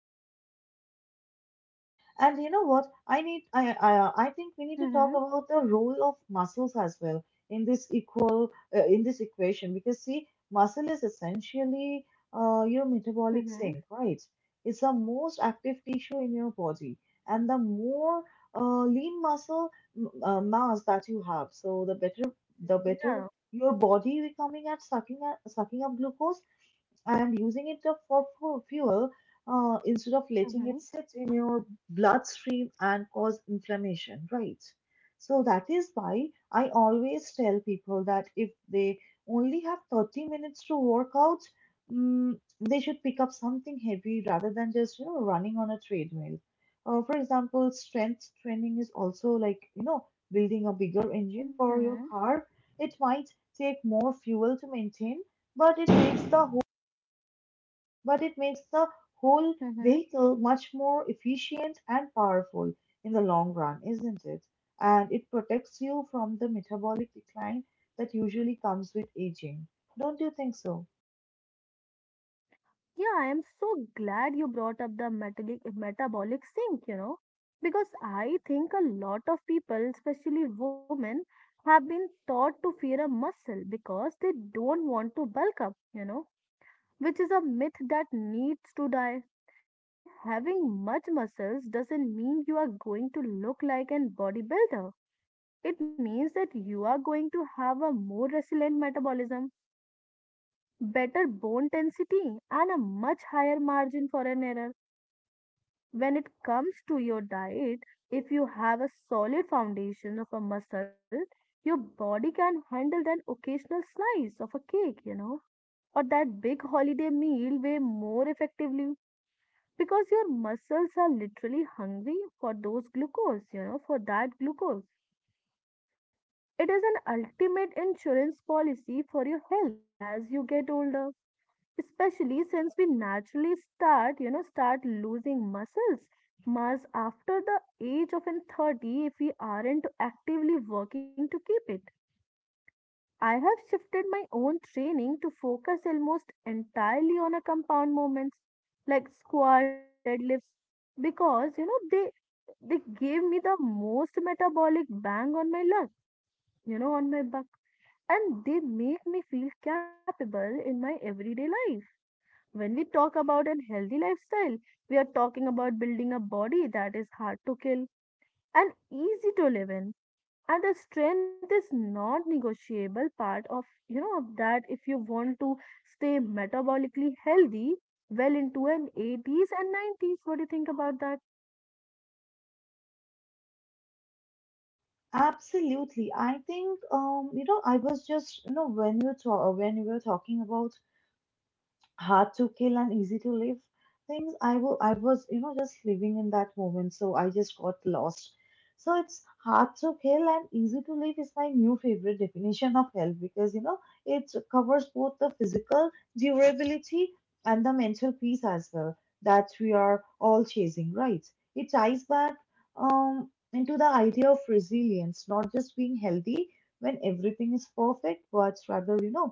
[SPEAKER 1] and you know what? I think we need to talk
[SPEAKER 2] Mhm,
[SPEAKER 1] about the role of muscles as well in this equal in this equation because, see, muscle is essentially, your metabolic
[SPEAKER 2] mhm.
[SPEAKER 1] sink, right? It's the most active tissue in your body, and the more lean muscle mass that you have, so the better, the
[SPEAKER 2] Yeah.
[SPEAKER 1] better your body becoming at sucking up glucose and using it up for fuel, instead of letting it
[SPEAKER 2] Mhm,
[SPEAKER 1] sit in your bloodstream and cause inflammation, right? So that is why I always tell people that if they only have 30 minutes to work out, mm, they should pick up something heavy rather than just, you know, running on a treadmill. For example, strength training is also like, you know, building a bigger engine for
[SPEAKER 2] mhm,
[SPEAKER 1] your car. It might take more fuel to maintain, but it makes the but it makes the whole
[SPEAKER 2] mhm.
[SPEAKER 1] vehicle much more efficient and powerful in the long run, isn't it? And it protects you from the metabolic decline that usually comes with aging. Don't you think so?
[SPEAKER 2] Yeah, I am so glad you brought up the metabolic sink, you know, because I think a lot of people, especially women, have been taught to fear a muscle because they don't want to bulk up, you know, which is a myth that needs to die. And having much muscles doesn't mean you are going to look like an bodybuilder. It means that you are going to have a more resilient metabolism, better bone density and a much higher margin for an error. When it comes to your diet, if you have a solid foundation of a muscle, your body can handle that occasional slice of a cake, you know, or that big holiday meal way more effectively because your muscles are literally hungry for those glucose, you know, for that glucose. It is an ultimate insurance policy for your health as you get older, especially since we naturally start you know start losing muscles mass after the age of in 30 if we aren't actively working to keep it. I have shifted my own training to focus almost entirely on a compound movements like squats and deadlifts because, you know, they gave me the most metabolic bang on my lug, you know, on my buck, and they make me feel capable in my everyday life. When we talk about a healthy lifestyle, we are talking about building a body that is hard to kill and easy to live in. And the strength is not negotiable part of, you know, of that if you want to stay metabolically healthy well into an 80s and 90s. What do you think about that?
[SPEAKER 1] Absolutely. I think you know, I was just you know when you talk when we were talking about hard to kill and easy to live things, I was, you know, just living in that moment, so I just got lost. So it's hard to kill and easy to live is my new favorite definition of health because, you know, it covers both the physical durability and the mental peace as well that we are all chasing, right? It ties back into the idea of resilience, not just being healthy when everything is perfect, but rather, you know,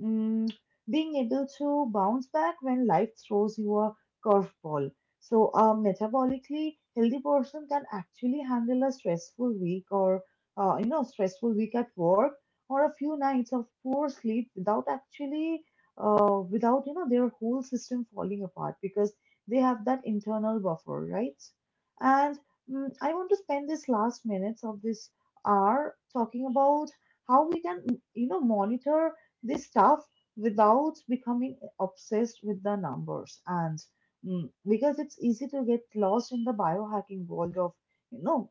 [SPEAKER 1] mm, being able to bounce back when life throws you a curveball. So, a metabolically healthy person can actually handle a stressful week, or you know, stressful week at work, or a few nights of poor sleep without actually, without, you know, their whole system falling apart because they have that internal buffer, right? And I want to spend this last minutes of this hour talking about how we can, you know, monitor this stuff without becoming obsessed with the numbers, and because it's easy to get lost in the biohacking world of, you know,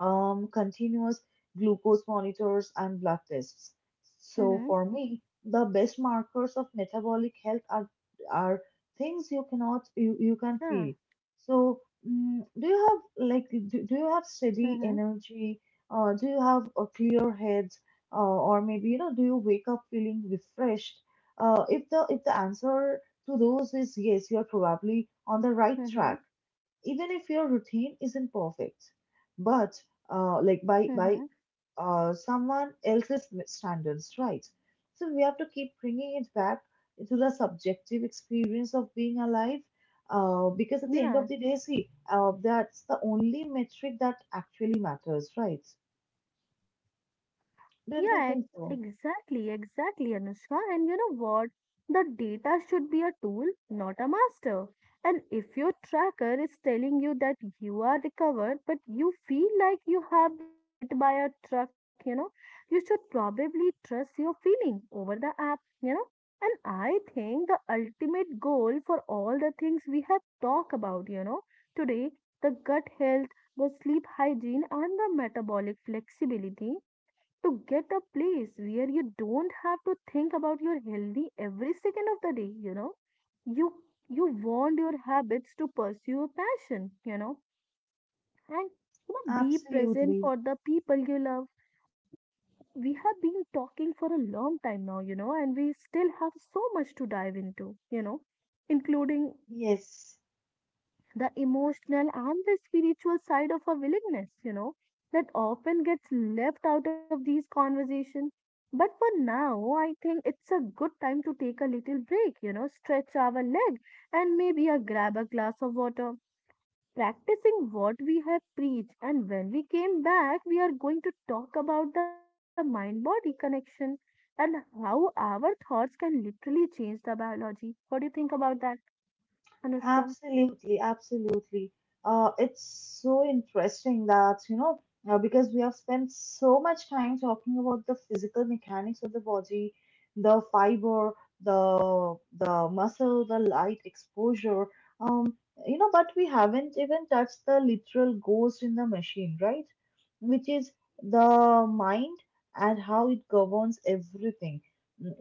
[SPEAKER 1] continuous glucose monitors and blood tests. So
[SPEAKER 2] Mm-hmm.
[SPEAKER 1] for me, the best markers of metabolic health are things you cannot you, you can feel.
[SPEAKER 2] Yeah.
[SPEAKER 1] So, do you have like, do you have steady
[SPEAKER 2] Mm-hmm.
[SPEAKER 1] energy? Do you have a clear head? Uh, or maybe, you know, do you wake up feeling refreshed? If the answer to those is yes, you are probably on the right
[SPEAKER 2] Mm-hmm.
[SPEAKER 1] track even if your routine isn't perfect, but by
[SPEAKER 2] Mm-hmm.
[SPEAKER 1] someone else's standards, right? So we have to keep bringing it back to the subjective experience of being alive, because at the end of
[SPEAKER 2] Yeah.
[SPEAKER 1] the day, see, that's the only metric that actually matters, right? Don't
[SPEAKER 2] Yeah,
[SPEAKER 1] you think so?
[SPEAKER 2] exactly, exactly, Anushka. And you know what? The data should be a tool, not a master. And if your tracker is telling you that you are recovered, but you feel like you have been hit by a truck, you know, you should probably trust your feeling over the app, you know. And I think the ultimate goal for all the things we have talked about, you know, today, the gut health, the sleep hygiene, and the metabolic flexibility to get a place where you don't have to think about your healthy every second of the day, you know, you you want your habits to pursue a passion, you know, and, you know, be present
[SPEAKER 1] Absolutely.
[SPEAKER 2] for the people you love. We have been talking for a long time now, you know, and we still have so much to dive into, you know, including
[SPEAKER 1] Yes.
[SPEAKER 2] the emotional and the spiritual side of our willingness, you know, that often gets left out of these conversations. But for now, I think it's a good time to take a little break, you know, stretch our leg and maybe a grab a glass of water. Practicing what we have preached, and when we came back, we are going to talk about the mind body connection and how our thoughts can literally change the biology. What do you think about that, Anushka?
[SPEAKER 1] Absolutely, absolutely. It's so interesting that, you know, because we have spent so much time talking about the physical mechanics of the body, the fiber, the muscle, the light exposure, um, you know, but we haven't even touched the literal ghost in the machine, right? Which is the mind and how it governs everything, mm,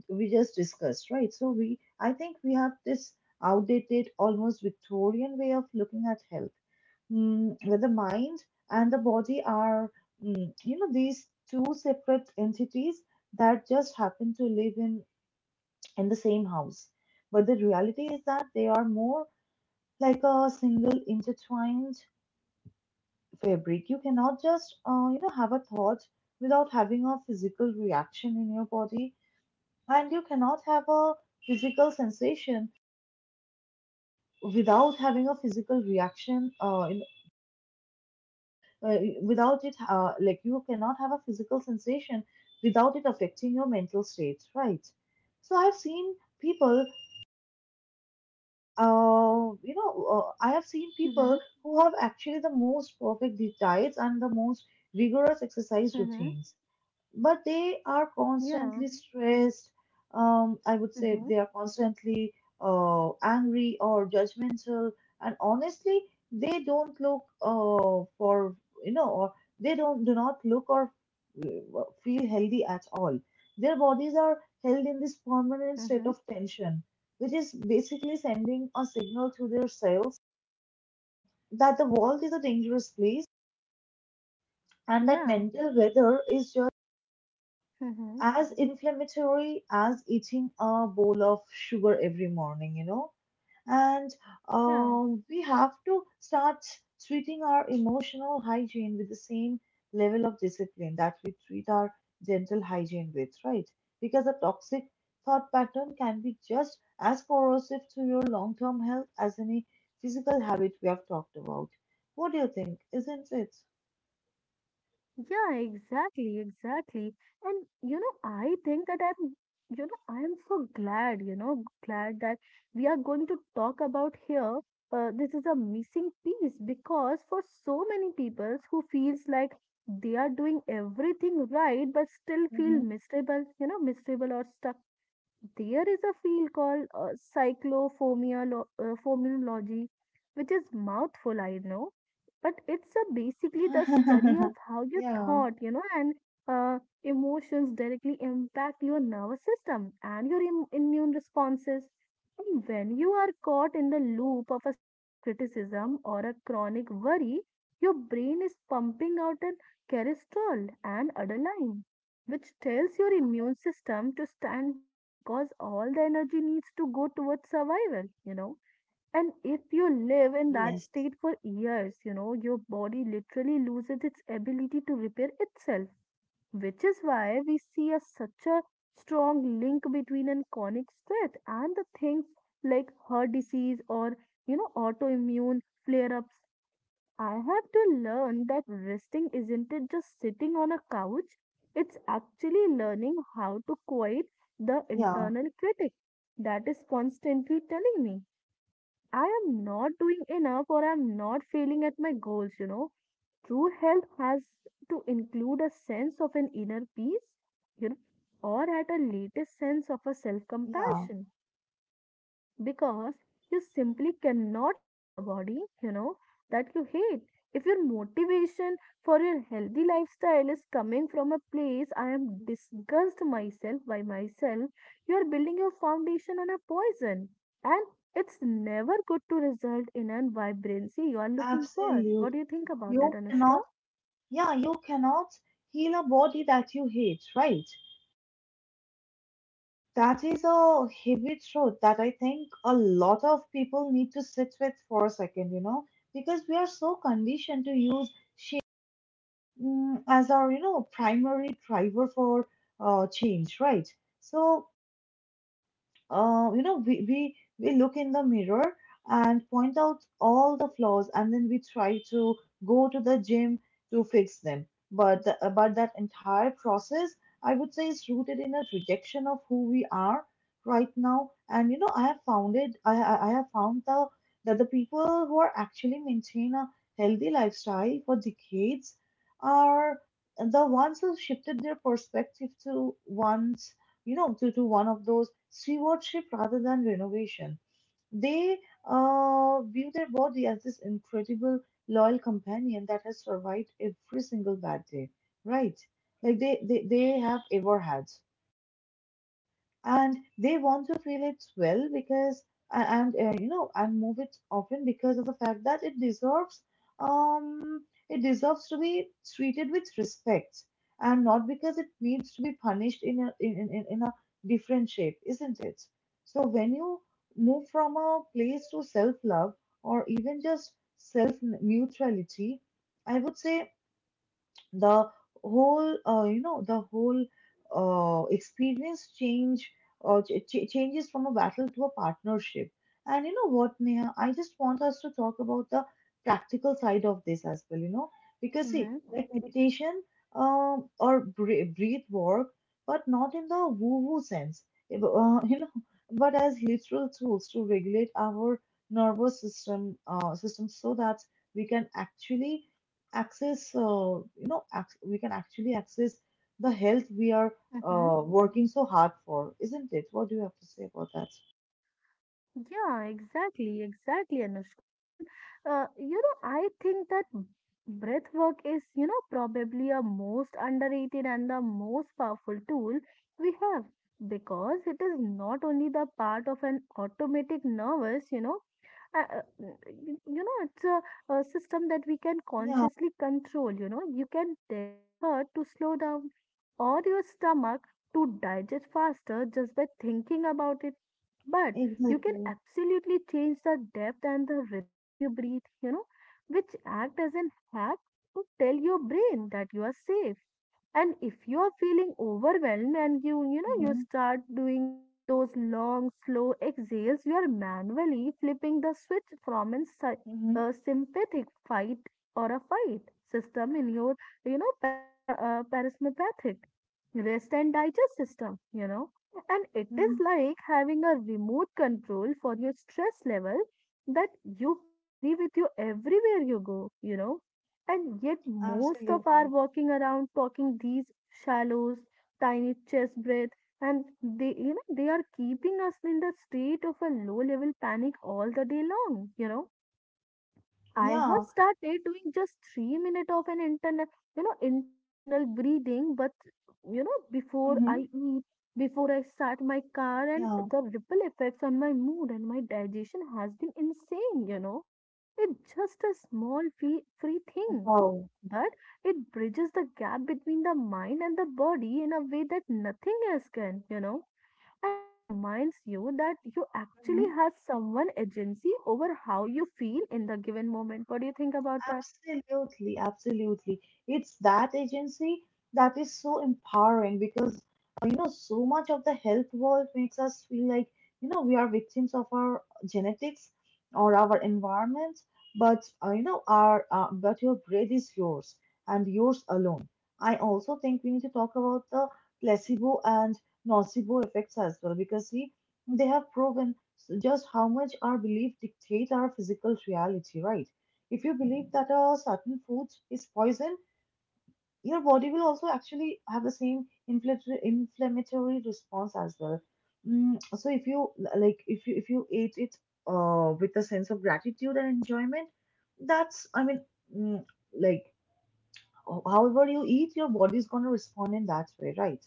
[SPEAKER 1] wh- we just discussed, right? So we, I think we have this outdated, almost Victorian way of looking at health, where the mind and the body are, you know, these two separate entities that just happen to live in the same house. But the reality is that they are more like a single intertwined fabric. You cannot just, you know, have a thought without having a physical reaction in your body, and you cannot have a physical sensation without having a physical reaction in uh, without it like you cannot have a physical sensation without it affecting your mental state, right? So I've seen people, I have seen
[SPEAKER 2] Mm-hmm.
[SPEAKER 1] people who have actually the most perfect diets and the most rigorous exercise
[SPEAKER 2] Mm-hmm.
[SPEAKER 1] routines, but they are
[SPEAKER 2] Yeah.
[SPEAKER 1] constantly stressed. I would
[SPEAKER 2] Mm-hmm,
[SPEAKER 1] say they are constantly angry or judgmental, and honestly, they don't look for you know, or they don't do not look or feel healthy at all. Their bodies are held in this permanent
[SPEAKER 2] mm-hmm.
[SPEAKER 1] state of tension, which is basically sending a signal to their cells that the world is a dangerous place, and that
[SPEAKER 2] Yeah,
[SPEAKER 1] mental weather is just
[SPEAKER 2] mm-hmm.
[SPEAKER 1] as inflammatory as eating a bowl of sugar every morning, you know. And
[SPEAKER 2] Yeah,
[SPEAKER 1] we have to start treating our emotional hygiene with the same level of discipline that we treat our dental hygiene with, right? Because a toxic thought pattern can be just as corrosive to your long term health as any physical habit we have talked about. What do you think? Isn't it?
[SPEAKER 2] yeah, exactly, exactly. And you know, I think that I'm, you know, I am so glad, you know, glad that we are going to talk about here. This is a missing piece because for so many people who feels like they are doing everything right but still
[SPEAKER 1] *laughs*
[SPEAKER 2] feel
[SPEAKER 1] Hmm.
[SPEAKER 2] miserable or stuck. There is a field called cyclophomiology, which is mouthful, I know, but it's a basically the study of
[SPEAKER 1] *laughs*
[SPEAKER 2] how your
[SPEAKER 1] Yeah.
[SPEAKER 2] thought, and emotions directly impact your nervous system and your immune responses. And when you are caught in the loop of a self-criticism or a chronic worry, your brain is pumping out an cortisol and adrenaline which tells your immune system to stand down because all the energy needs to go towards survival. And if you live in that
[SPEAKER 1] Yes.
[SPEAKER 2] state for years, your body literally loses its ability to repair itself, which is why we see a, such a strong link between an chronic stress and the things like heart disease or, you know, autoimmune flare ups. I have to learn that resting isn't it just sitting on a couch, it's actually learning how to quiet the
[SPEAKER 1] Yeah.
[SPEAKER 2] internal critic that is constantly telling me I am not doing enough or I am not failing at my goals. True health has to include a sense of an inner peace, you know, or at a latest sense of a self
[SPEAKER 1] Yeah,
[SPEAKER 2] compassion because you simply cannot heal a body, that you hate. If your motivation for your healthy lifestyle is coming from a place I am disgust myself by myself, you are building your foundation on a poison. And it's never good to result in a vibrancy you are looking for.
[SPEAKER 1] absolutely.
[SPEAKER 2] What do you think about that,
[SPEAKER 1] You
[SPEAKER 2] Anushka?
[SPEAKER 1] cannot, yeah, you cannot heal a body that you hate, right? That is a heavy truth that I think a lot of people need to sit with for a second, you know, because we are so conditioned to use shame, as our, you know, primary driver for change, right? So, you know, we look in the mirror and point out all the flaws, and then we try to go to the gym to fix them. But, but that entire process, I would say, is rooted in a rejection of who we are right now. And, you know, I have found that the people who are actually maintain a healthy lifestyle for decades are the ones who shifted their perspective to one, to one of those stewardship rather than renovation. They view their body as this incredible, loyal companion that has survived every single bad day, right? Like they have ever had, and they want to feel it well because a- and you know and move it often because of the fact that it deserves, um it deserves to be treated with respect, and not because it needs to be punished in in a different shape, isn't it? So when you move from a place to self love, or even just self neutrality, I would say the whole you know the whole experience changes from a battle to a partnership. And you know what, Neha, I just want us to talk about the practical side of this as well, you know, because see,
[SPEAKER 2] Mm-hmm.
[SPEAKER 1] like meditation, or breath work, but not in the woo woo sense. eh, bu- uh, *laughs* you know but as literal tools to regulate our nervous system so that we can actually access, you know, ac- we can actually access the health we are working so hard for, isn't it? What do you have to say about that?
[SPEAKER 2] Yeah, exactly, exactly, Anushka. And you know, I think that breath work is, you know, probably a most underrated and the most powerful tool we have because it is not only the part of an automatic nervous, you know, uh, uh, you know it's a system that we can
[SPEAKER 1] Yeah,
[SPEAKER 2] consciously control. You know, you can tell your heart to slow down or your stomach to digest faster just by thinking about it, but you can
[SPEAKER 1] exactly.
[SPEAKER 2] absolutely change the depth and the rhythm of your breath, you know, which act as an hack to tell your brain that you are safe. And if you're feeling overwhelmed and you know you
[SPEAKER 1] Mm-hmm.
[SPEAKER 2] start doing those long slow exhales, you are manually flipping the switch from a,
[SPEAKER 1] Mm-hmm.
[SPEAKER 2] a sympathetic fight or a fight system in your you know parasympathetic rest and digest system, you know, and it is
[SPEAKER 1] Mm-hmm.
[SPEAKER 2] like having a remote control for your stress level that you carry with you everywhere you go, you know. And yet, most of are
[SPEAKER 1] Absolutely.
[SPEAKER 2] walking around talking these shallows, tiny chest breath, and they, you know, they are keeping us in the state of a low level panic all the day long, you know. I have
[SPEAKER 1] Yeah.
[SPEAKER 2] started doing just 3 minutes of an internet, intentional breathing, but you know, before
[SPEAKER 1] Mm-hmm.
[SPEAKER 2] I eat, before I start my car, and
[SPEAKER 1] Yeah.
[SPEAKER 2] the ripple effects on my mood and my digestion has been insane, you know. It's just a small free thing,
[SPEAKER 1] Wow.
[SPEAKER 2] but it bridges the gap between the mind and the body in a way that nothing else can, you know. And it reminds you that you actually
[SPEAKER 1] Mm-hmm.
[SPEAKER 2] have someone agency over how you feel in the given moment. What do you think about that?
[SPEAKER 1] Absolutely, absolutely. It's that agency that is so empowering, because you know, so much of the health world makes us feel like, you know, we are victims of our genetics or our environment, but your breath is yours and yours alone. I also think we need to talk about the placebo and nocebo effects as well, because see, they have proven just how much our belief dictate our physical reality, right? If you believe that a certain food is poison, your body will also actually have the same inflammatory response as well. Mm, so if you, like, if you ate it with a sense of gratitude and enjoyment, that's I mean, mm, like ho- however you eat, your body is gonna respond in that way, right?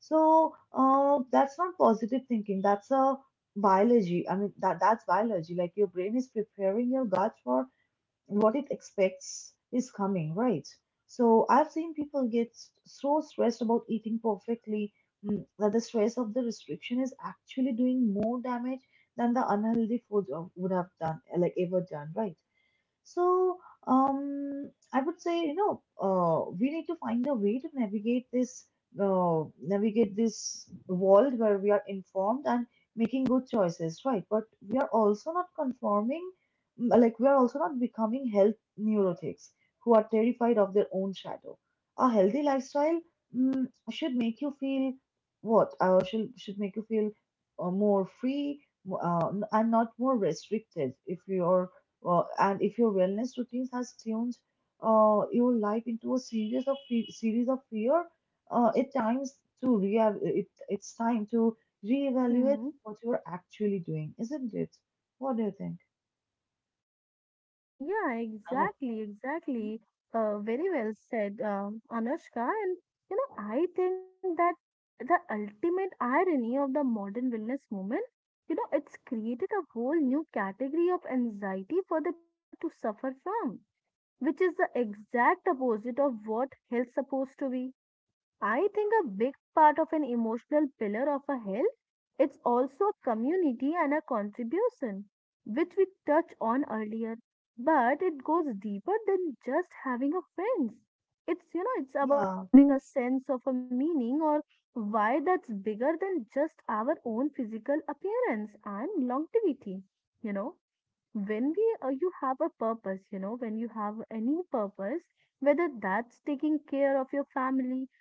[SPEAKER 1] So that's not positive thinking. That's a biology. I mean, that's biology. Like your brain is preparing your gut for what it expects is coming, right? So I've seen people get so stressed about eating perfectly, that the stress of the restriction is actually doing more damage than the unhealthy food would have done, like ever done, right? So, I would say, you know, we need to find a way to navigate this world where we are informed and making good choices, right? But we are also not conforming, like we are also not becoming health neurotics who are terrified of their own shadow. A healthy lifestyle, should make you feel what? Should should make you feel more free, and not more restricted. If you're and if your wellness routines has changed your life into a series of series of fear, uh, it times it's time to reevaluate
[SPEAKER 2] Hmm.
[SPEAKER 1] what you're actually doing, isn't it? What do you think?
[SPEAKER 2] Yeah,
[SPEAKER 1] Oh,
[SPEAKER 2] exactly, exactly. Very well said, Anushka. And you know, I think that the ultimate irony of the modern wellness movement, you know, it's created a whole new category of anxiety for the people to suffer from, which is the exact opposite of what health's supposed to be. I think a big part of an emotional pillar of a health, it's also a community and a contribution, which we touched on earlier. But it goes deeper than just having a friends. It's you know, it's about
[SPEAKER 1] yeah,
[SPEAKER 2] having a sense of a meaning or why that's bigger than just our own physical appearance and longevity, you know, when we you have a purpose, you know, when you have any purpose, whether that's taking care of your family,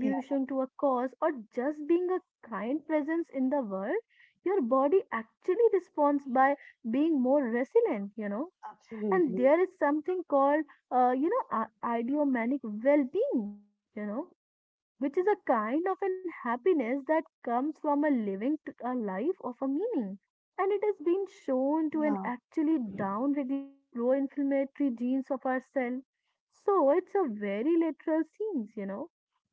[SPEAKER 1] yeah,
[SPEAKER 2] to a cause, or just being a kind presence in the world, your body actually responds by being more resilient, you know. And
[SPEAKER 1] absolutely.
[SPEAKER 2] there is something called uh, you know uh, idiomanic well-being, you know, which is a kind of an happiness that comes from a living a life of a meaning. And it has been shown to an
[SPEAKER 1] Yeah,
[SPEAKER 2] actually down-regulated pro-inflammatory genes of our cell. So it's a very literal scenes, you know.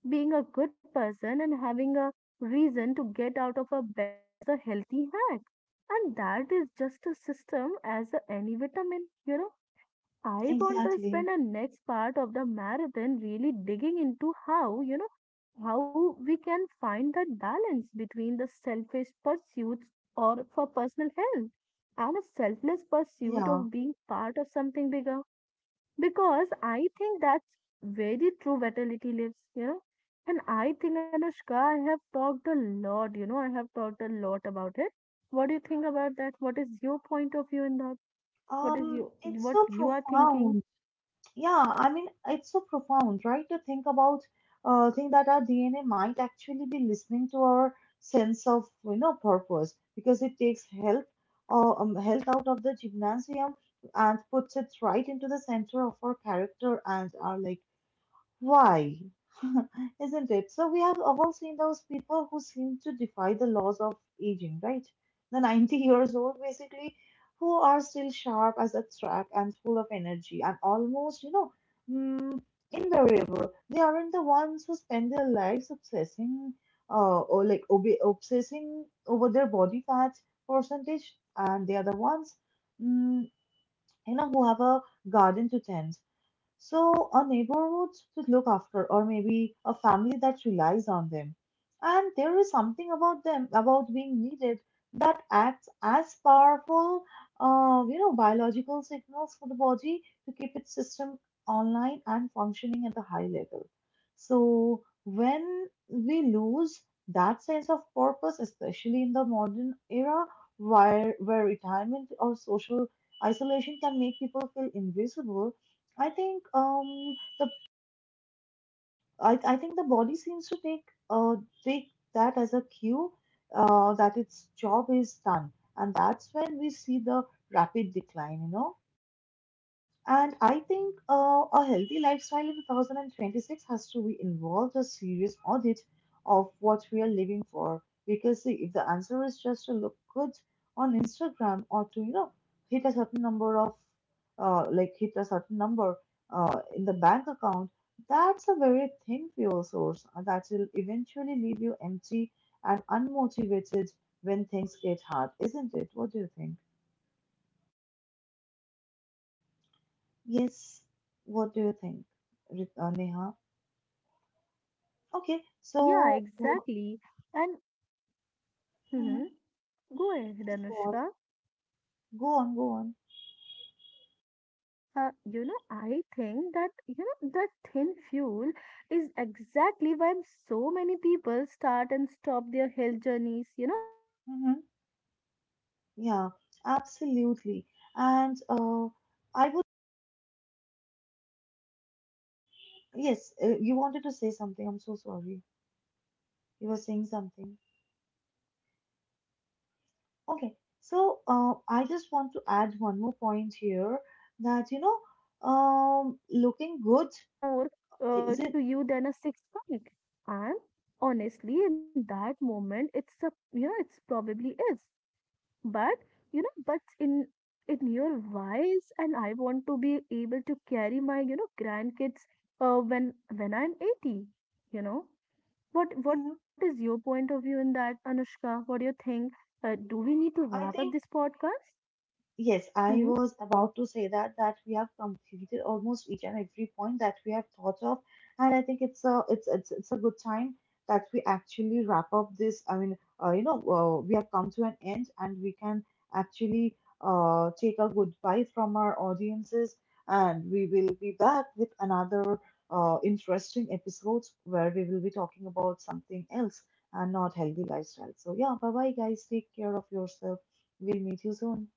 [SPEAKER 2] Being a good person and having a reason to get out of a bed is a healthy hack. And that is just a system as a any vitamin, you know. I want to spend
[SPEAKER 1] exactly.
[SPEAKER 2] the next part of the marathon really digging into how, you know, how we can find that balance between the selfish pursuits or for personal health and a selfless pursuit
[SPEAKER 1] Yeah.
[SPEAKER 2] of being part of something bigger. Because I think that's where the true vitality lives, you know. And I think, Anushka, I have talked a lot about it. What do you think about that? What is your point of view in that? What is you
[SPEAKER 1] It's
[SPEAKER 2] what
[SPEAKER 1] so
[SPEAKER 2] you are thinking?
[SPEAKER 1] profound. Yeah, I mean, it's so profound, right? To think about, think that our DNA might actually be listening to our sense of, you know, purpose, because it takes health, health out of the gymnasium and puts it right into the center of our character and our, like, why? *laughs* Isn't it? So we have all seen those people who seem to defy the laws of aging, right? The 90 *laughs* years old, basically, who are still sharp as a track and full of energy and almost, you know, mm, invariable. They aren't the ones who spend their lives obsessing, obsessing over their body fat percentage, and they are the ones, mm, you know, who have a garden to tend, so, a neighborhood to look after, or maybe a family that relies on them. And there is something about them, about being needed, that acts as powerful, you know, biological signals for the body to keep its system online and functioning at a high level. So, when we lose that sense of purpose, especially in the modern era, where retirement or social isolation can make people feel invisible, I think I think the body seems to take take that as a cue, that its job is done, and that's when we see the rapid decline, you know. And I think a healthy lifestyle in 2026 has to be involved a serious audit of what we are living for. Because see, if the answer is just to look good on Instagram, or to, you know, hit a certain number of, hit a certain number in the bank account, that's a very thin fuel source that will eventually leave you empty and unmotivated when things get hard, isn't it? What do you think? Yes. What do you think, Neha? Okay,
[SPEAKER 2] Yeah,
[SPEAKER 1] so
[SPEAKER 2] exactly. And mhm,
[SPEAKER 1] mhm,
[SPEAKER 2] go ahead,
[SPEAKER 1] please go on,
[SPEAKER 2] Anushka.
[SPEAKER 1] go on, go on.
[SPEAKER 2] You know, I think that you know that thin fuel is exactly why so many people start and stop their health journeys. You know,
[SPEAKER 1] Hmm.
[SPEAKER 2] every 3 months because
[SPEAKER 1] Yeah,
[SPEAKER 2] looking good
[SPEAKER 1] absolutely.
[SPEAKER 2] isn't a strong
[SPEAKER 1] And
[SPEAKER 2] enough
[SPEAKER 1] uh,
[SPEAKER 2] anchor
[SPEAKER 1] I
[SPEAKER 2] to
[SPEAKER 1] would,
[SPEAKER 2] hold you steady when life hits you with your real
[SPEAKER 1] yes,
[SPEAKER 2] storm,
[SPEAKER 1] you
[SPEAKER 2] you know.
[SPEAKER 1] wanted to say something. I'm so
[SPEAKER 2] And look,
[SPEAKER 1] sorry.
[SPEAKER 2] you know, if
[SPEAKER 1] You were saying
[SPEAKER 2] UY is
[SPEAKER 1] something.
[SPEAKER 2] just about a vanity, the first time you
[SPEAKER 1] Okay,
[SPEAKER 2] know you
[SPEAKER 1] so
[SPEAKER 2] are tried or
[SPEAKER 1] I just want
[SPEAKER 2] stressed,
[SPEAKER 1] to add
[SPEAKER 2] you are
[SPEAKER 1] one more
[SPEAKER 2] going to
[SPEAKER 1] point here,
[SPEAKER 2] decide,
[SPEAKER 1] that
[SPEAKER 2] you know,
[SPEAKER 1] you know,
[SPEAKER 2] that pizza, that pizza is
[SPEAKER 1] looking
[SPEAKER 2] a
[SPEAKER 1] good,
[SPEAKER 2] worth more
[SPEAKER 1] is it?
[SPEAKER 2] to you than a six pack. And honestly, in that moment, it's a you know, it's probably is. But you know, but in your wise, and I want to be able to carry my you know grandkids when I'm 80. You know,
[SPEAKER 1] Hmm.
[SPEAKER 2] what is your point of view in that, Anushka? What do you think? Do we need to
[SPEAKER 1] I think,
[SPEAKER 2] wrap up this podcast?
[SPEAKER 1] yes, I was
[SPEAKER 2] Mm-hmm.
[SPEAKER 1] about to say that that we have completed almost each and every point that we have thought of, and I think it's a good time that we actually wrap up this. I mean, you know, we have come to an end, and we can actually take a goodbye from our audiences, and we will be back with another interesting episode where we will be talking about something else and not healthy lifestyle. So yeah, bye bye guys. Take care of yourself. We'll meet you soon.